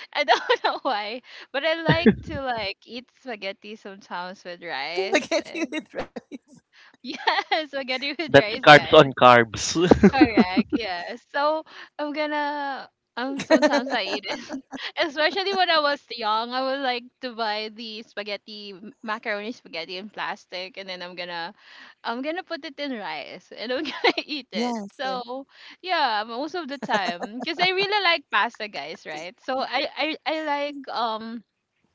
I don't know why, but I like to like eat spaghetti sometimes with rice. And
look at you with
yeah,
rice
spaghetti with
That's
rice,
carbs
guys.
on carbs.
Correct. Yeah. So I'm gonna sometimes I eat it, especially when I was young, I would like to buy the spaghetti macaroni spaghetti in plastic, and then I'm gonna put it in rice, and I'm gonna eat it.
yes yes
So yeah, most of the time, because I really like pasta, guys, right? So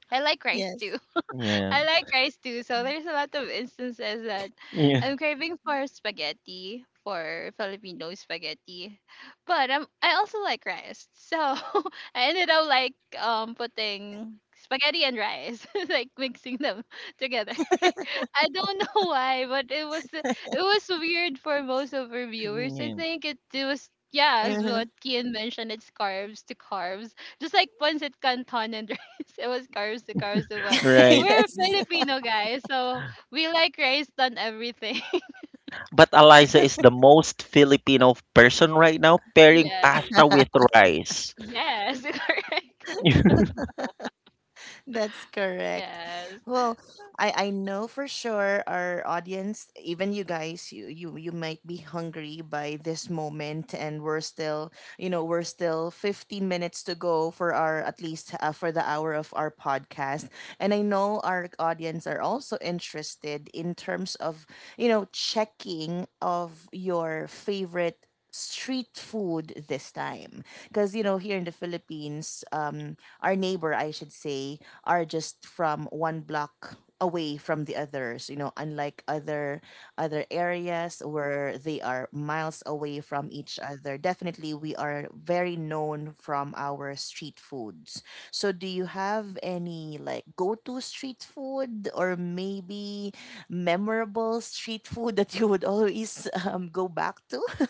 I like rice too.
yes
Yeah.
I like rice too. So there's a lot of instances that
Yeah.
I'm craving for spaghetti, for Filipino spaghetti. But I also like rice. So I ended up like putting spaghetti and rice, like mixing them together. I don't know why, but it was weird for most of our viewers. I
Yeah.
think it was yeah, as what
Mhm.
Kian mentioned, it's carbs to carbs. Just like pancit canton and rice, it was carbs to carbs to what.
Right.
We're
yes
Filipino, guys, so we like rice on everything.
But Eliza is the most Filipino person right now pairing
Yes.
pasta with rice.
Yes. Correct.
That's correct.
Yes.
Well, I know for sure our audience, even you guys, you might be hungry by this moment, and we're still, you know, we're still 15 minutes to go for our at least for the hour of our podcast. And I know our audience are also interested in terms of, you know, checking of your favorite street food this time because you know here in the Philippines our neighbor, I should say, are just from one block away from the others you know unlike other other areas where they are miles away from each other definitely we are very known from our street foods so do you have any like go-to street food or maybe memorable street food that you would always go back to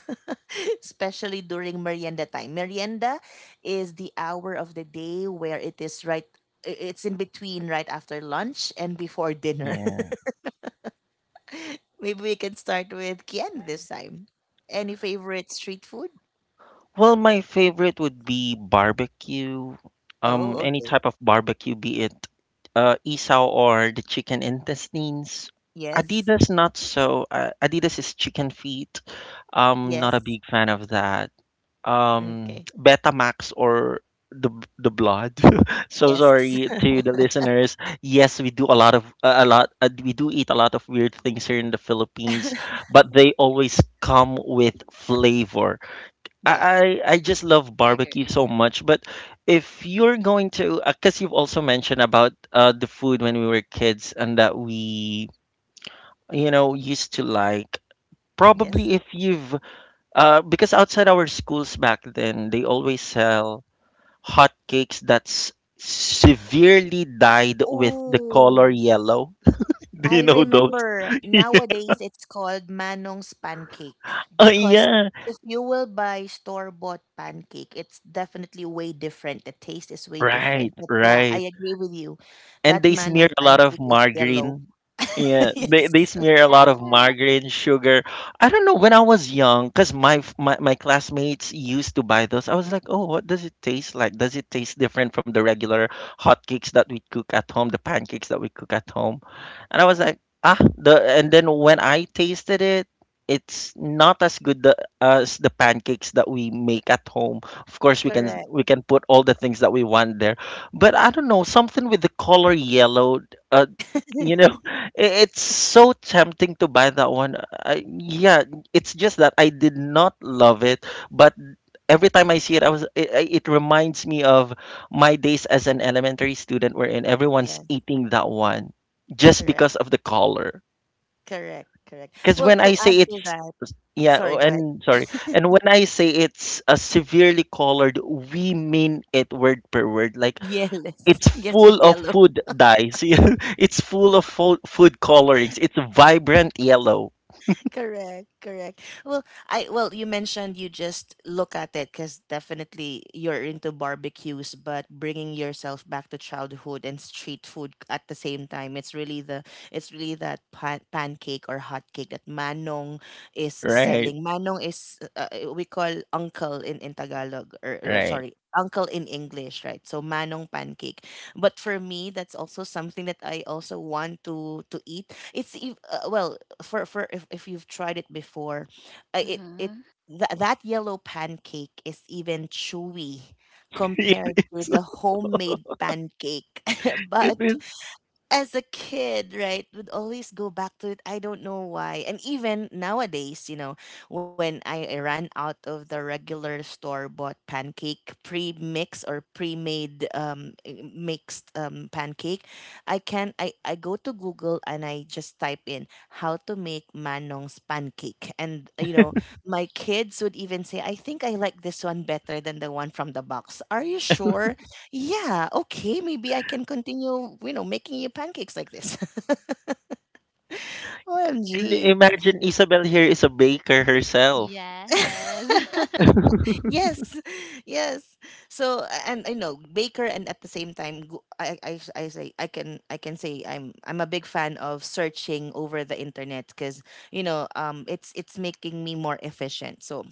especially during merienda time merienda is the hour of the day where it is right it's in between right after lunch and before dinner.
Yeah.
Maybe we can start with Kian this time. Any favorite street food?
Well, my favorite would be barbecue.
Oh,
Any
okay.
type of barbecue, be it isaw or the chicken intestines.
Yes.
Adidas, not so. Adidas is chicken feet. Not a
Yes.
big fan of that.
Okay.
Betamax or the the blood. So
Yes.
sorry to the listeners. Yes, we do a lot of a lot. We do eat a lot of weird things here in the Philippines, but they always come with flavor.
Yeah.
I just
I
love barbecue
agree.
so much. But if you're going to, because you've also mentioned about the food when we were kids and that we, you know, used to like.
Yes.
Probably if because outside our schools back then, they always sell hot cakes that's severely dyed with the color
Oh.
yellow. Do you
I
know those?
remember nowadays it's called Manong's pancake
Oh
because
yeah,
if you will buy store-bought pancake, it's definitely way different. The taste is way different.
right,
But yeah, I
right,
agree with you.
and
That
they
Manong
smear a lot of
pancake is yellow.
margarine. Yeah, they
Yes,
smear a
Yeah.
lot of margarine, sugar. I don't know, when I was young, cause my, f- my classmates used to buy those. I was like, oh, what does it taste like? Does it taste different from the regular hot cakes that we cook at home, the pancakes that we cook at home? And I was like, ah, the and then when I tasted it, it's not as good as the pancakes that we make at home. Of course, we can
correct.
we can put all the things that we want there, but I don't know, something with the color yellow. Uh, you know, it's so tempting to buy that one. I, yeah, it's just that I did not love it, but every time I see it, I was it, I- it reminds me of my days as an elementary student, wherein everyone's
Yes,
eating that one just
correct,
because of the color.
correct.
Because
Well,
when
to
I say
add to
it's
that,
yeah, oh,
sorry, go ahead.
and sorry, and when I say it's a severely colored, we mean it word per word. Like
Yes,
it's
yes, it's
full of
yellow.
food dyes. It's full of food colorings. It's vibrant yellow.
Correct, correct. Well, I well, you mentioned you just look at it because definitely you're into barbecues, but bringing yourself back to childhood and street food at the same time, it's really the it's really that pancake or hot cake that Manong is
Right.
selling. Manong is we call uncle in Tagalog or
Right.
sorry, uncle in English, right? So Manong pancake. But for me, that's also something that I also want to eat well for if you've tried it before, it
Mm-hmm.
that that yellow pancake is even chewy compared
It
to
is.
the homemade pancake.
It
But
is.
as a kid, right, would always go back to it. I don't know why. And even nowadays, you know, when I ran out of the regular store bought pancake, pre mix or pre made mixed pancake, I can I go to Google and I just type in how to make Manong's pancake. And you know, my kids would even say, I think I like this one better than the one from the box. Are you sure? Yeah, okay, maybe I can continue, you know, making you pancakes like this.
And
OMG.
imagine Isabel here is a baker herself.
Yes.
Yes, yes. And you know, baker and at the same time, I say I can say I'm a big fan of searching over the internet because you know it's making me more efficient. So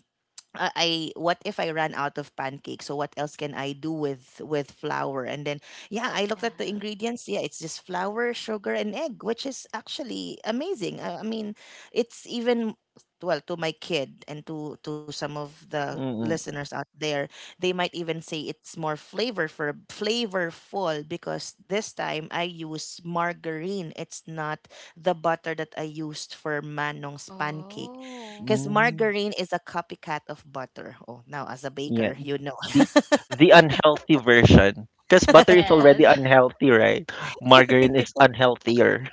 I what if I ran out of pancake? So what else can I do with flour? And then yeah, I looked at the
Yeah.
ingredients. Yeah, it's just flour, sugar, and egg, which is actually amazing. I mean, it's even well to my kid and to some of the
Mm,
listeners out there they might even say it's more flavorful because this time I use margarine it's not the butter that I used for manong's pancake
Oh.
because
mm,
margarine is a copycat of butter. Oh, now as a
yeah,
baker, you know.
the the unhealthy version. Because butter is already
Yes.
unhealthy, right? Margarine is unhealthier,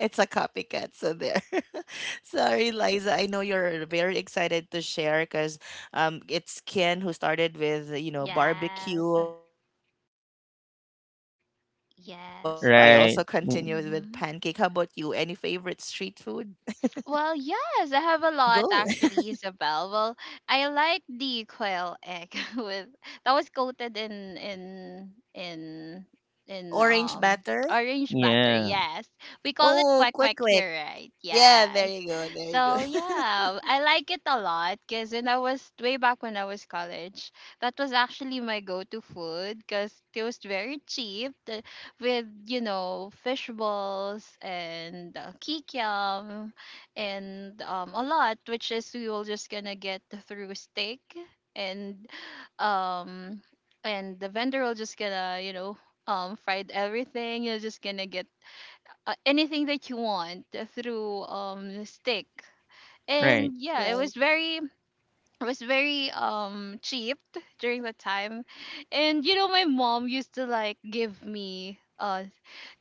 It's a copycat. So there. Sorry, Liza. I know you're very excited to share because it's Ken who started with, you know,
Yes.
barbecue, pancake. How about you? Any favorite
Yes.
street food?
right?
Mm-hmm. Well, yes, I have a lot
Go.
actually, Isabel. Well, I like the quail egg with that was coated in in
Orange batter.
orange batter.
Yeah,
Yes, we call it
Oh,
quack
quick,
quack
quick.
here, right?
Yeah, there
Yes.
you go. There you go.
So yeah, I like it a lot because when I was way back when I was college, that was actually my go-to food because it was very cheap, the- with you know fish balls and kikiam and a lot, which is we will just gonna get through steak and um and the vendor will just gonna you know fried everything. You're just gonna get anything that you want through steak.
right.
And yeah, it
Right.
was very cheap during the time, and you know my mom used to like give me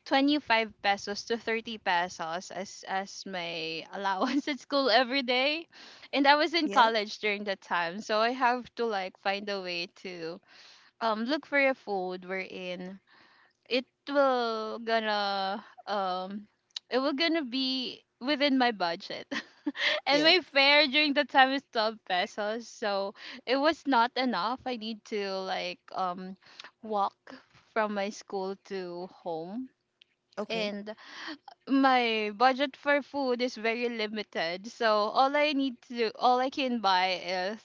25 pesos to 30 pesos as my allowance at school every day, and I was in
Yes.
college during that time, so I have to like find a way to look for a food wherein it will gonna um it will gonna be within my budget. And
Yes.
my fare during the time is 12 pesos. So it was not enough. I need to like walk from my school to home.
Okay.
And my budget for food is very limited. So all I need to do, all I can buy is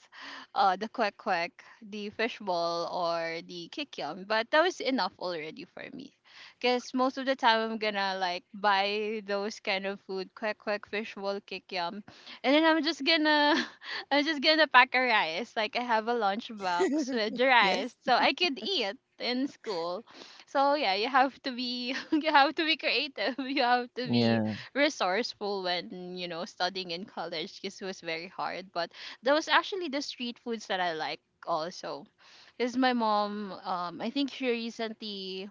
the kwek kwek, the fishball, or the kikiam. But that was enough already for me. Cause most of the time I'm gonna like buy those kind of food: kwek kwek, fishball, kikiam. And then I'm just gonna I'm just gonna pack a rice. Like I have a lunchbox with
Yes.
rice, so I could eat in school. So yeah, you have to be you have to be creative. You have to be
Yeah.
resourceful when you know studying in college, because it was very hard. But that was actually the street foods that I like also. Because my mom, I think she recently,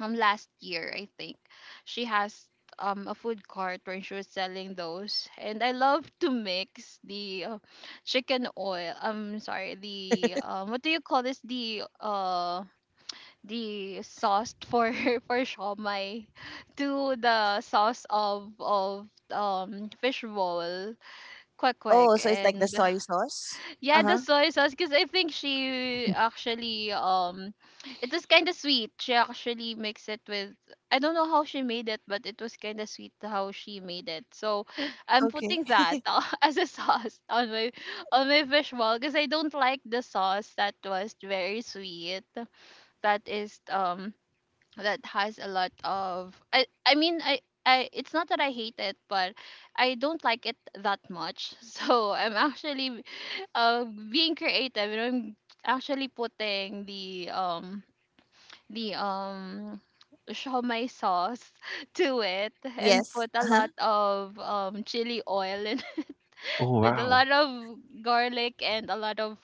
last year I think, she has a food cart where she was selling those, and I love to mix the chicken oil. I'm sorry, the what do you call this? The sauce for for shawmai to the sauce of fish bowl, quick
Oh,
quick,
so it's like the
and
soy sauce. Uh
yeah, the
huh.
soy sauce. Because I think she actually it was kind of sweet, she actually mixed it with, I don't know how she made it, but it was kind of sweet how she made it. So I'm
Okay.
putting that as a sauce on my fish bowl, because I don't like the sauce that was very sweet, that is that has a lot of I mean I it's not that I hate it, but I don't like it that much. So I'm actually uh being creative, and I'm actually putting the the shawmai sauce to it, and
Yes.
put a
Uh
lot of chili oil in,
Oh
with a
wow.
lot of garlic and a lot of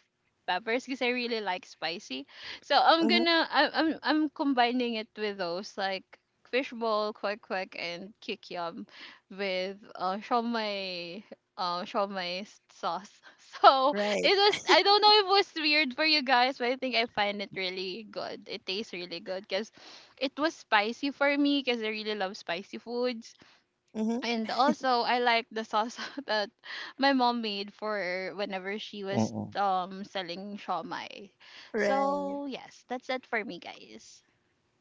peppers, because I really like spicy. So I'm
huh.
gonna I, I'm combining it with those like fishbowl, kwek kwek, and kikiam with shawmai sauce. So it
Right.
was, I don't know if it was weird for you guys, but I think I find it really good. It tastes really good, because it was spicy for me, because I really love spicy foods.
Mm-hmm.
And also, I like the sauce that my mom made for whenever she was
Mm-mm.
selling shawmai.
Right.
So yes, that's it for me, guys.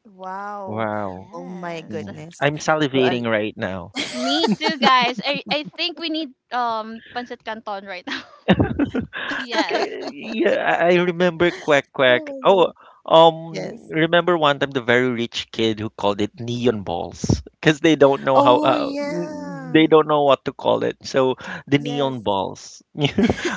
Wow.
Wow.
Oh my
Yes,
Yeah.
goodness.
I'm
Well,
salivating right now.
me too, guys. I think we need pancit canton right now. Yes,
Yeah, I remember quack
oh my
quack.
god.
Oh,
Yes.
remember one time the very rich kid who called it neon balls because they don't know how
Oh
they
yeah.
don't know what to call it. So the neon
Yes.
balls.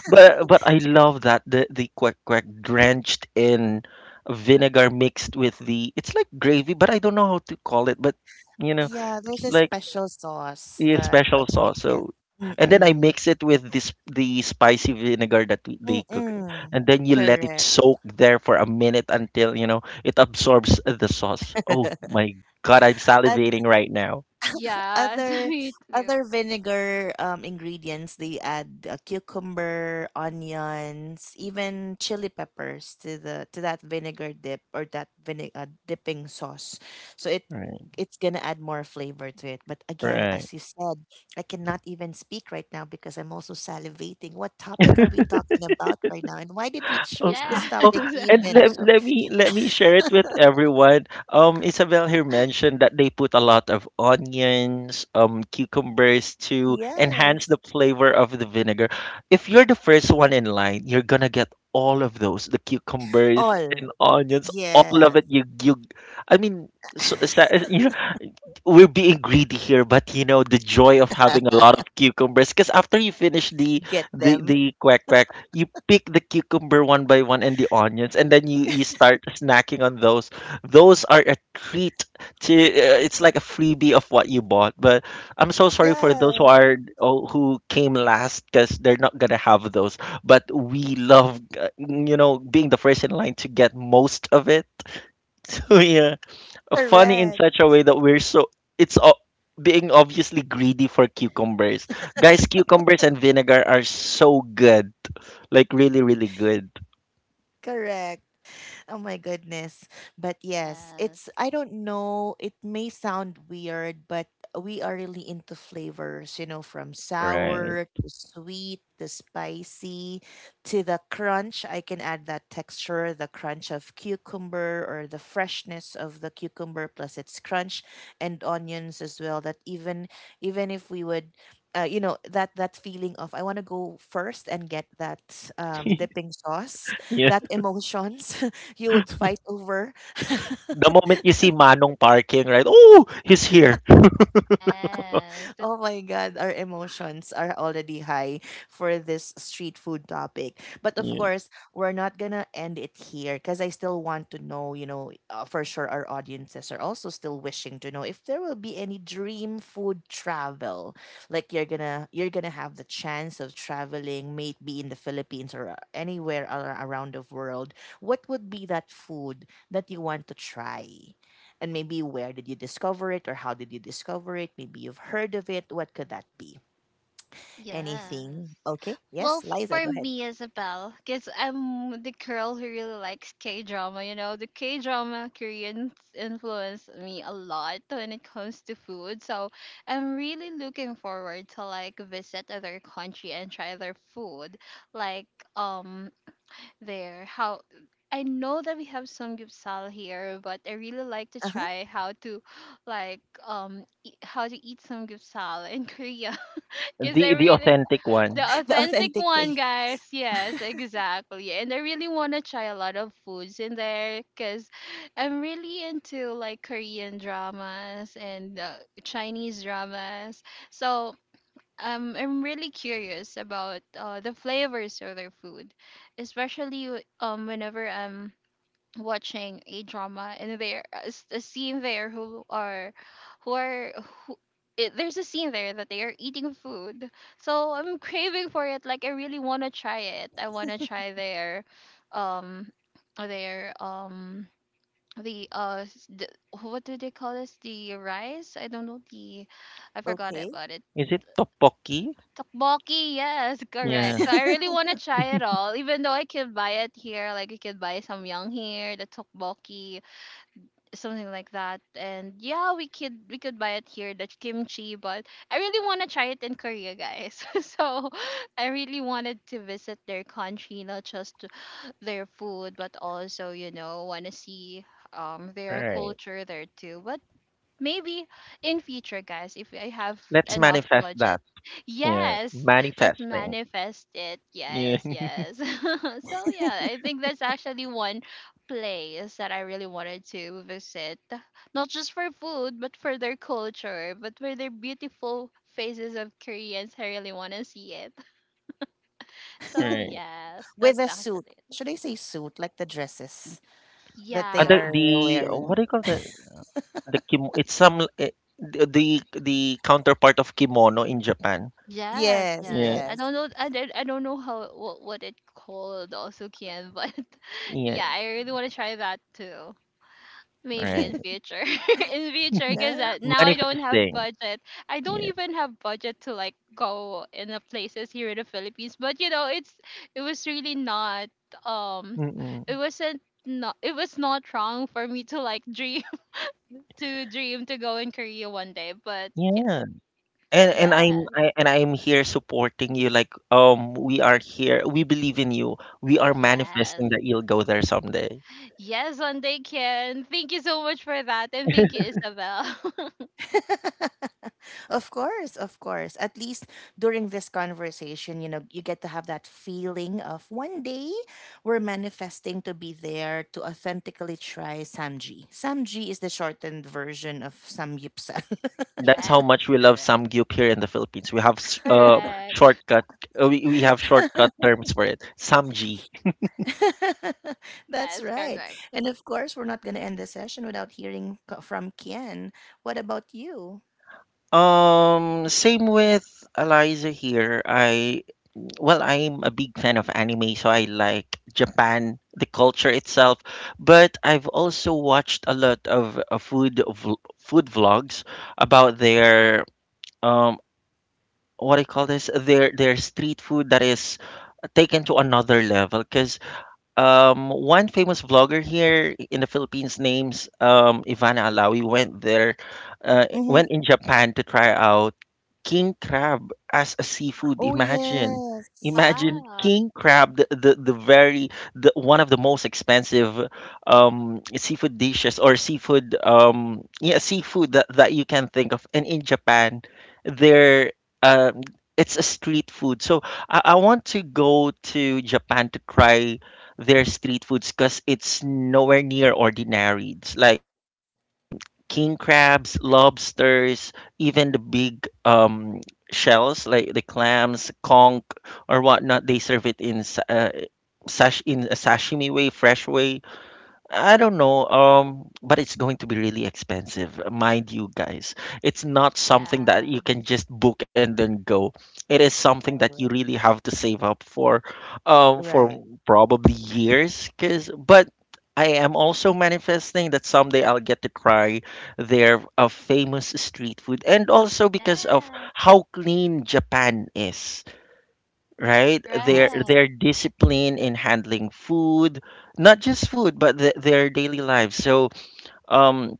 But I love that the quack quack drenched in vinegar mixed with the, it's like gravy, but I don't know how to call it. But you know,
Yeah, there's a
like
special sauce
yeah,
that
special
quite quick
sauce.
gets.
So, and then I
Mm-mm.
mix it with this the spicy vinegar that they cook,
Mm-mm.
and then you let it
Correct.
soak there for a minute until, you know, it absorbs the sauce. Oh my God, I'm
I
salivating right now.
yes,
other
me too.
Other vinegar ingredients they add cucumber, onions, even chili peppers to the to that vinegar dip or that vinegar dipping sauce so
Right,
it's gonna add more flavor to it. But again,
right.
as you said, I cannot even speak right now because I'm also salivating. What topic are we talking about right now, and why did we
Oh,
choose this
oh,
topic
Yes,
and
even?
let,
So
let me let me share it with everyone. Isabel here mentioned that they put a lot of onions, cucumbers
yes,
to enhance the flavor of the vinegar. If you're the first one in line, you're gonna get all of those, the cucumbers
all
and onions,
yes.
all of it. I mean, you we're being greedy here, but you know the joy of having a lot of cucumbers. Because after you finish
Get them,
the quack quack, you pick the cucumber one by one and the onions, and then you start snacking on those. Those are a treat. To it's like a freebie of what you bought. But I'm so sorry for those
yeah.
who are, oh, who came last, because they're not gonna have those. But we love, you know, being the first in line to get most of it. So yeah, funny in
Correct.
such a way that we're so it's o- being obviously greedy for cucumbers. Guys, cucumbers and vinegar are so good. Like really really good.
Correct. Oh my goodness. But yes,
yes,
it's, I don't know, it may sound weird, but we are really into flavors, you know, from
Right.
sour to sweet to spicy to the crunch. I can add that texture, the crunch of cucumber or the freshness of the cucumber plus its crunch and onions as well. That even even if we would you know that that feeling of I want to go first and get that dipping sauce,
Yeah.
that emotions you would fight over.
The moment you see Manong parking, right? Oh, he's here.
yes,
Oh my God, our emotions are already high for this street food topic. But of
Yeah.
course, we're not gonna end it here because I still want to know, you know, for sure our audiences are also still wishing to know if there will be any dream food travel. Like you're gonna have the chance of traveling, maybe in the Philippines or anywhere around the world. What would be that food that you want to try? And maybe where did you discover it or how did you discover it? Maybe you've heard of it. What could that be? Anything?
yes.
Okay.
Well,
Yes, Liza,
for
go ahead.
me, Isabel, because I'm the girl who really likes K drama, you know, the K drama Koreans influence me a lot when it comes to food. So I'm really looking forward to like visit other country and try their food. Like um their how, I know that we have some gyupsal here, but I really like to
Uh-huh.
try how to like eat, how to eat some gyupsal in Korea. Cause I
The
really,
authentic
the
one.
The
authentic
authentic way.
one, guys. Yes, exactly. And I really want to try a lot of foods in there, because I'm really into like Korean dramas and Chinese dramas. So I'm really curious about the flavors of their food, especially whenever I'm watching a drama and there a, s- a scene there who are who are who it, there's a scene there that they are eating food. So I'm craving for it, like I really want to try it. I want to try their um their the uh s- the, what do they call this, the rice, I don't know, the I forgot
Okay.
about it.
Is it topoki?
Tteokbokki, yes,
Yeah.
correct. So I really want to try it all, even though I can buy it here. Like you can buy some young here, the tteokbokki, something like that. And yeah, we could buy it here, the kimchi, but I really want to try it in Korea, guys. So I really wanted to visit their country, not just their food, but also, you know, want to see their
Right.
culture there too. But maybe in future, guys, if I have
Let's
enough
manifest
budget.
that. Yeah.
Yes, let's
Manifesting.
manifest it.
Yeah.
Yes, yes. So yeah, I think that's actually one place that I really wanted to visit. Not just for food, but for their culture, but for their beautiful faces of Koreans. I really want to see it. So
Right.
yes,
With
that's
a suit.
actually it.
Should I say suit? Like the dresses that they
Other,
are
Yeah,
the
wearing.
what do you call that? The kim it's some eh, the the the counterpart of kimono in Japan.
yes,
Yes,
Yeah,
yes. I
yes.
don't know. I did. I don't know how, what it called also can, but
yeah,
yeah, I really want to try that too. Maybe
right.
in future, in future, because
Nice.
now I don't have
Manifesting.
budget. I don't
Yeah.
even have budget to like go in the places here in the Philippines. But you know, it's, it was really not um,
Mm-mm.
it was not wrong for me to like dream to dream to go in Korea one day. But yes,
Yeah. And
yeah,
I'm I, and I'm here supporting you, like, um, we are here. We believe in you. We are
yes.
manifesting that you'll go there someday.
Yes, one day can. Thank you so much for that. And thank you, Isabel.
Of course, of course. At least during this conversation, you know, you get to have that feeling of one day we're manifesting to be there to authentically try Samji. Samji is the shortened version of Samyupsal.
That's how much
Yes,
we love
correct.
Samgyup here in the Philippines. We have
Correct.
shortcut we have shortcut terms for it. Samji.
That's
Yes,
right.
correct.
And of course, we're not going to end the session without hearing from Kian. What about you?
Same with Eliza here. I, well, I'm a big fan of anime, so I like Japan, the culture itself. But I've also watched a lot of food vlogs about their um, what do you call this? Their street food that is taken to another level. Because one famous vlogger here in the Philippines, names Ivana Alawi, went there, went
Mm-hmm.
in Japan to try out king crab as a seafood.
Oh,
Imagine,
yes.
imagine
Wow.
king crab, the very, the one of the most expensive seafood dishes or seafood yeah, seafood that you can think of. And in Japan, there um, it's a street food. So I want to go to Japan to try their street foods because it's nowhere near ordinary. It's like um, king crabs, lobsters, even the big shells like the clams, conch, or whatnot. They serve it in sa- sash in a sashimi way, fresh way. I don't know, but it's going to be really expensive, mind you guys. It's not something that
Yeah.
you can just book and then go. It is something that you
Correct.
really have to save up for
Right.
probably years. Cause, but I am also manifesting that someday I'll get to try their famous street food, and also because of
Yeah.
how clean Japan is, right,
Yes.
Correct.
their discipline in handling food, not just food but the, their daily lives. So um,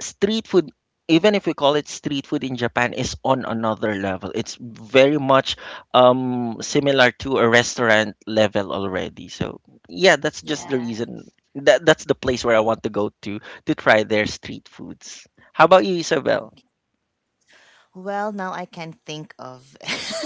street food, even if we call it street food in Japan, is on another level. It's very much um, similar to a restaurant level already. So yeah, that's just
Yeah.
the reason,
Yes.
that that's the place where I want to go to try their street foods. How about you,
No.
Isabel?
Well, now I can think of.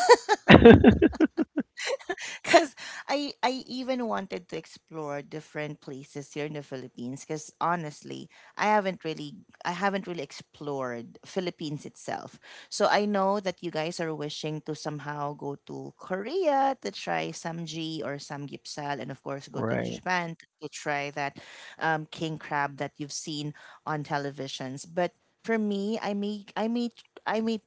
Because I even wanted to explore different places here in the Philippines. Because honestly, I haven't really I haven't really explored Philippines itself. So I know that you guys are wishing to somehow go to Korea to try samji or samgyeopsal, and of course go to
Right.
Japan to try that king crab that you've seen on televisions. But for me, I may I may I may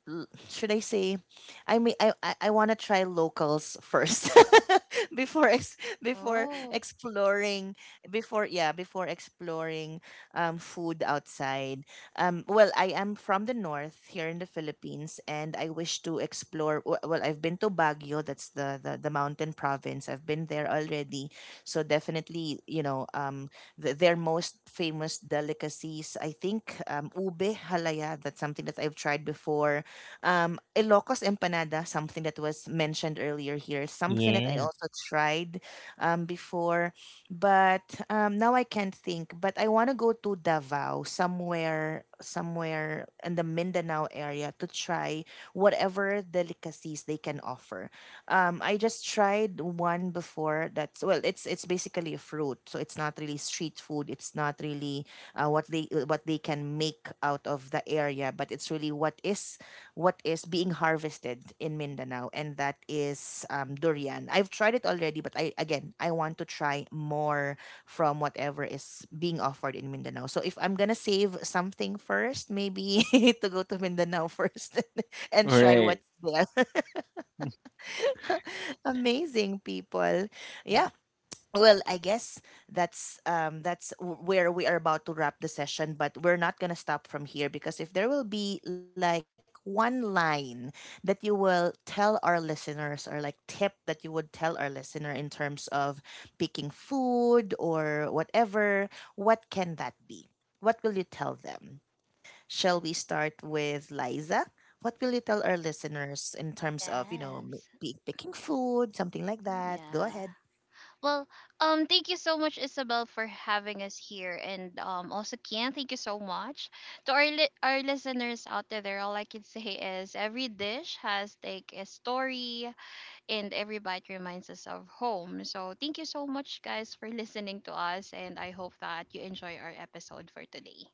should I say I mean, I want to try locals first before
Oh,
exploring before exploring food outside. Well, I am from the north here in the Philippines, and I wish to explore. Well, I've been to Baguio. That's the the mountain province. I've been there already, so definitely you know their most famous delicacies. I think ube halaya. That's something that I've tried before, Ilocos empanada, something that was mentioned earlier here, something that I
Yeah,
also tried before, but now I can't think. But I want to go to Davao, somewhere, in the Mindanao area to try whatever delicacies they can offer. I just tried one before that's well, it's basically a fruit, so it's not really street food. It's not really what they can make out of the area, but it's really what is being harvested in Mindanao, and that is durian. I've tried it already, but I want to try more from whatever is being offered in Mindanao. So if I'm gonna save something first, maybe to go to Mindanao first and try
right.
what's there. Amazing people, yeah. Well, I guess that's where we are about to wrap the session, but we're not going to stop from here because if there will be like one line that you will tell our listeners, or like tip that you would tell our listener in terms of picking food or whatever, what can that be? What will you tell them? Shall we start with Liza? What will you tell our listeners in terms of, you know,
yes.
picking food, something like that? Go
Yeah.
ahead.
Well, thank you so much, Isabel, for having us here, and also Kian, thank you so much to our our listeners out there. All I can say is every dish has like a story, and every bite reminds us of home. So thank you so much, guys, for listening to us, and I hope that you enjoy our episode for today.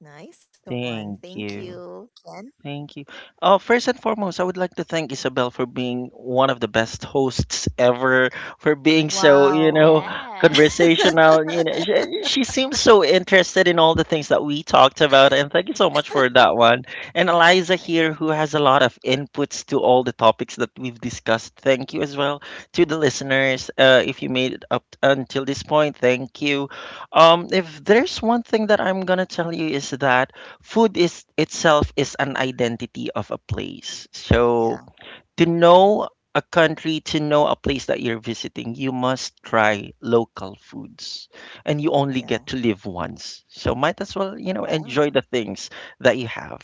Nice one.
Thank
Thank you,
you.
Ken.
Thank you. First and foremost, I would like to thank Isabel for being one of the best hosts ever, for being so, you know,
Wow.
Yes.
conversational. You know, she seems so interested in all the things that we talked about, and thank you so much for that one. And Eliza
Exactly.
here, who has a lot of inputs to all the topics that we've discussed. Thank you as well to the
Yes.
listeners. If you made it up until this point, thank you. If there's one thing that I'm gonna tell you is that food is itself is an identity of a place.
Yeah.
So to
Right.
know a country, to know a place that you're visiting, you must try local foods. And you only
Yeah.
get to live once. So might as well, you know,
Wow.
enjoy the things that you have.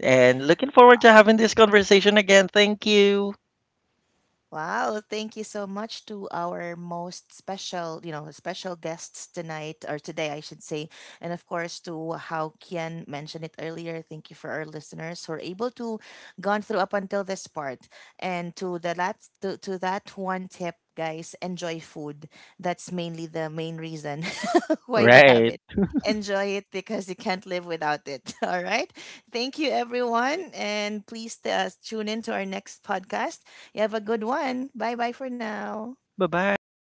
And looking forward to
Wow.
having this conversation again. Thank you.
Wow, thank you so much to our most special, you know, special guests tonight or today, I should say. And of course, to how Kian mentioned it earlier, thank you for our listeners who are able to gone through up until this part. And to the last, to that one tip, guys, enjoy food. That's mainly the main reason why we have
Right.
it. Enjoy it because you can't live without it. All right. Thank you, everyone. And please tune in to our next podcast. You have a good one. Bye bye for now.
Bye-bye.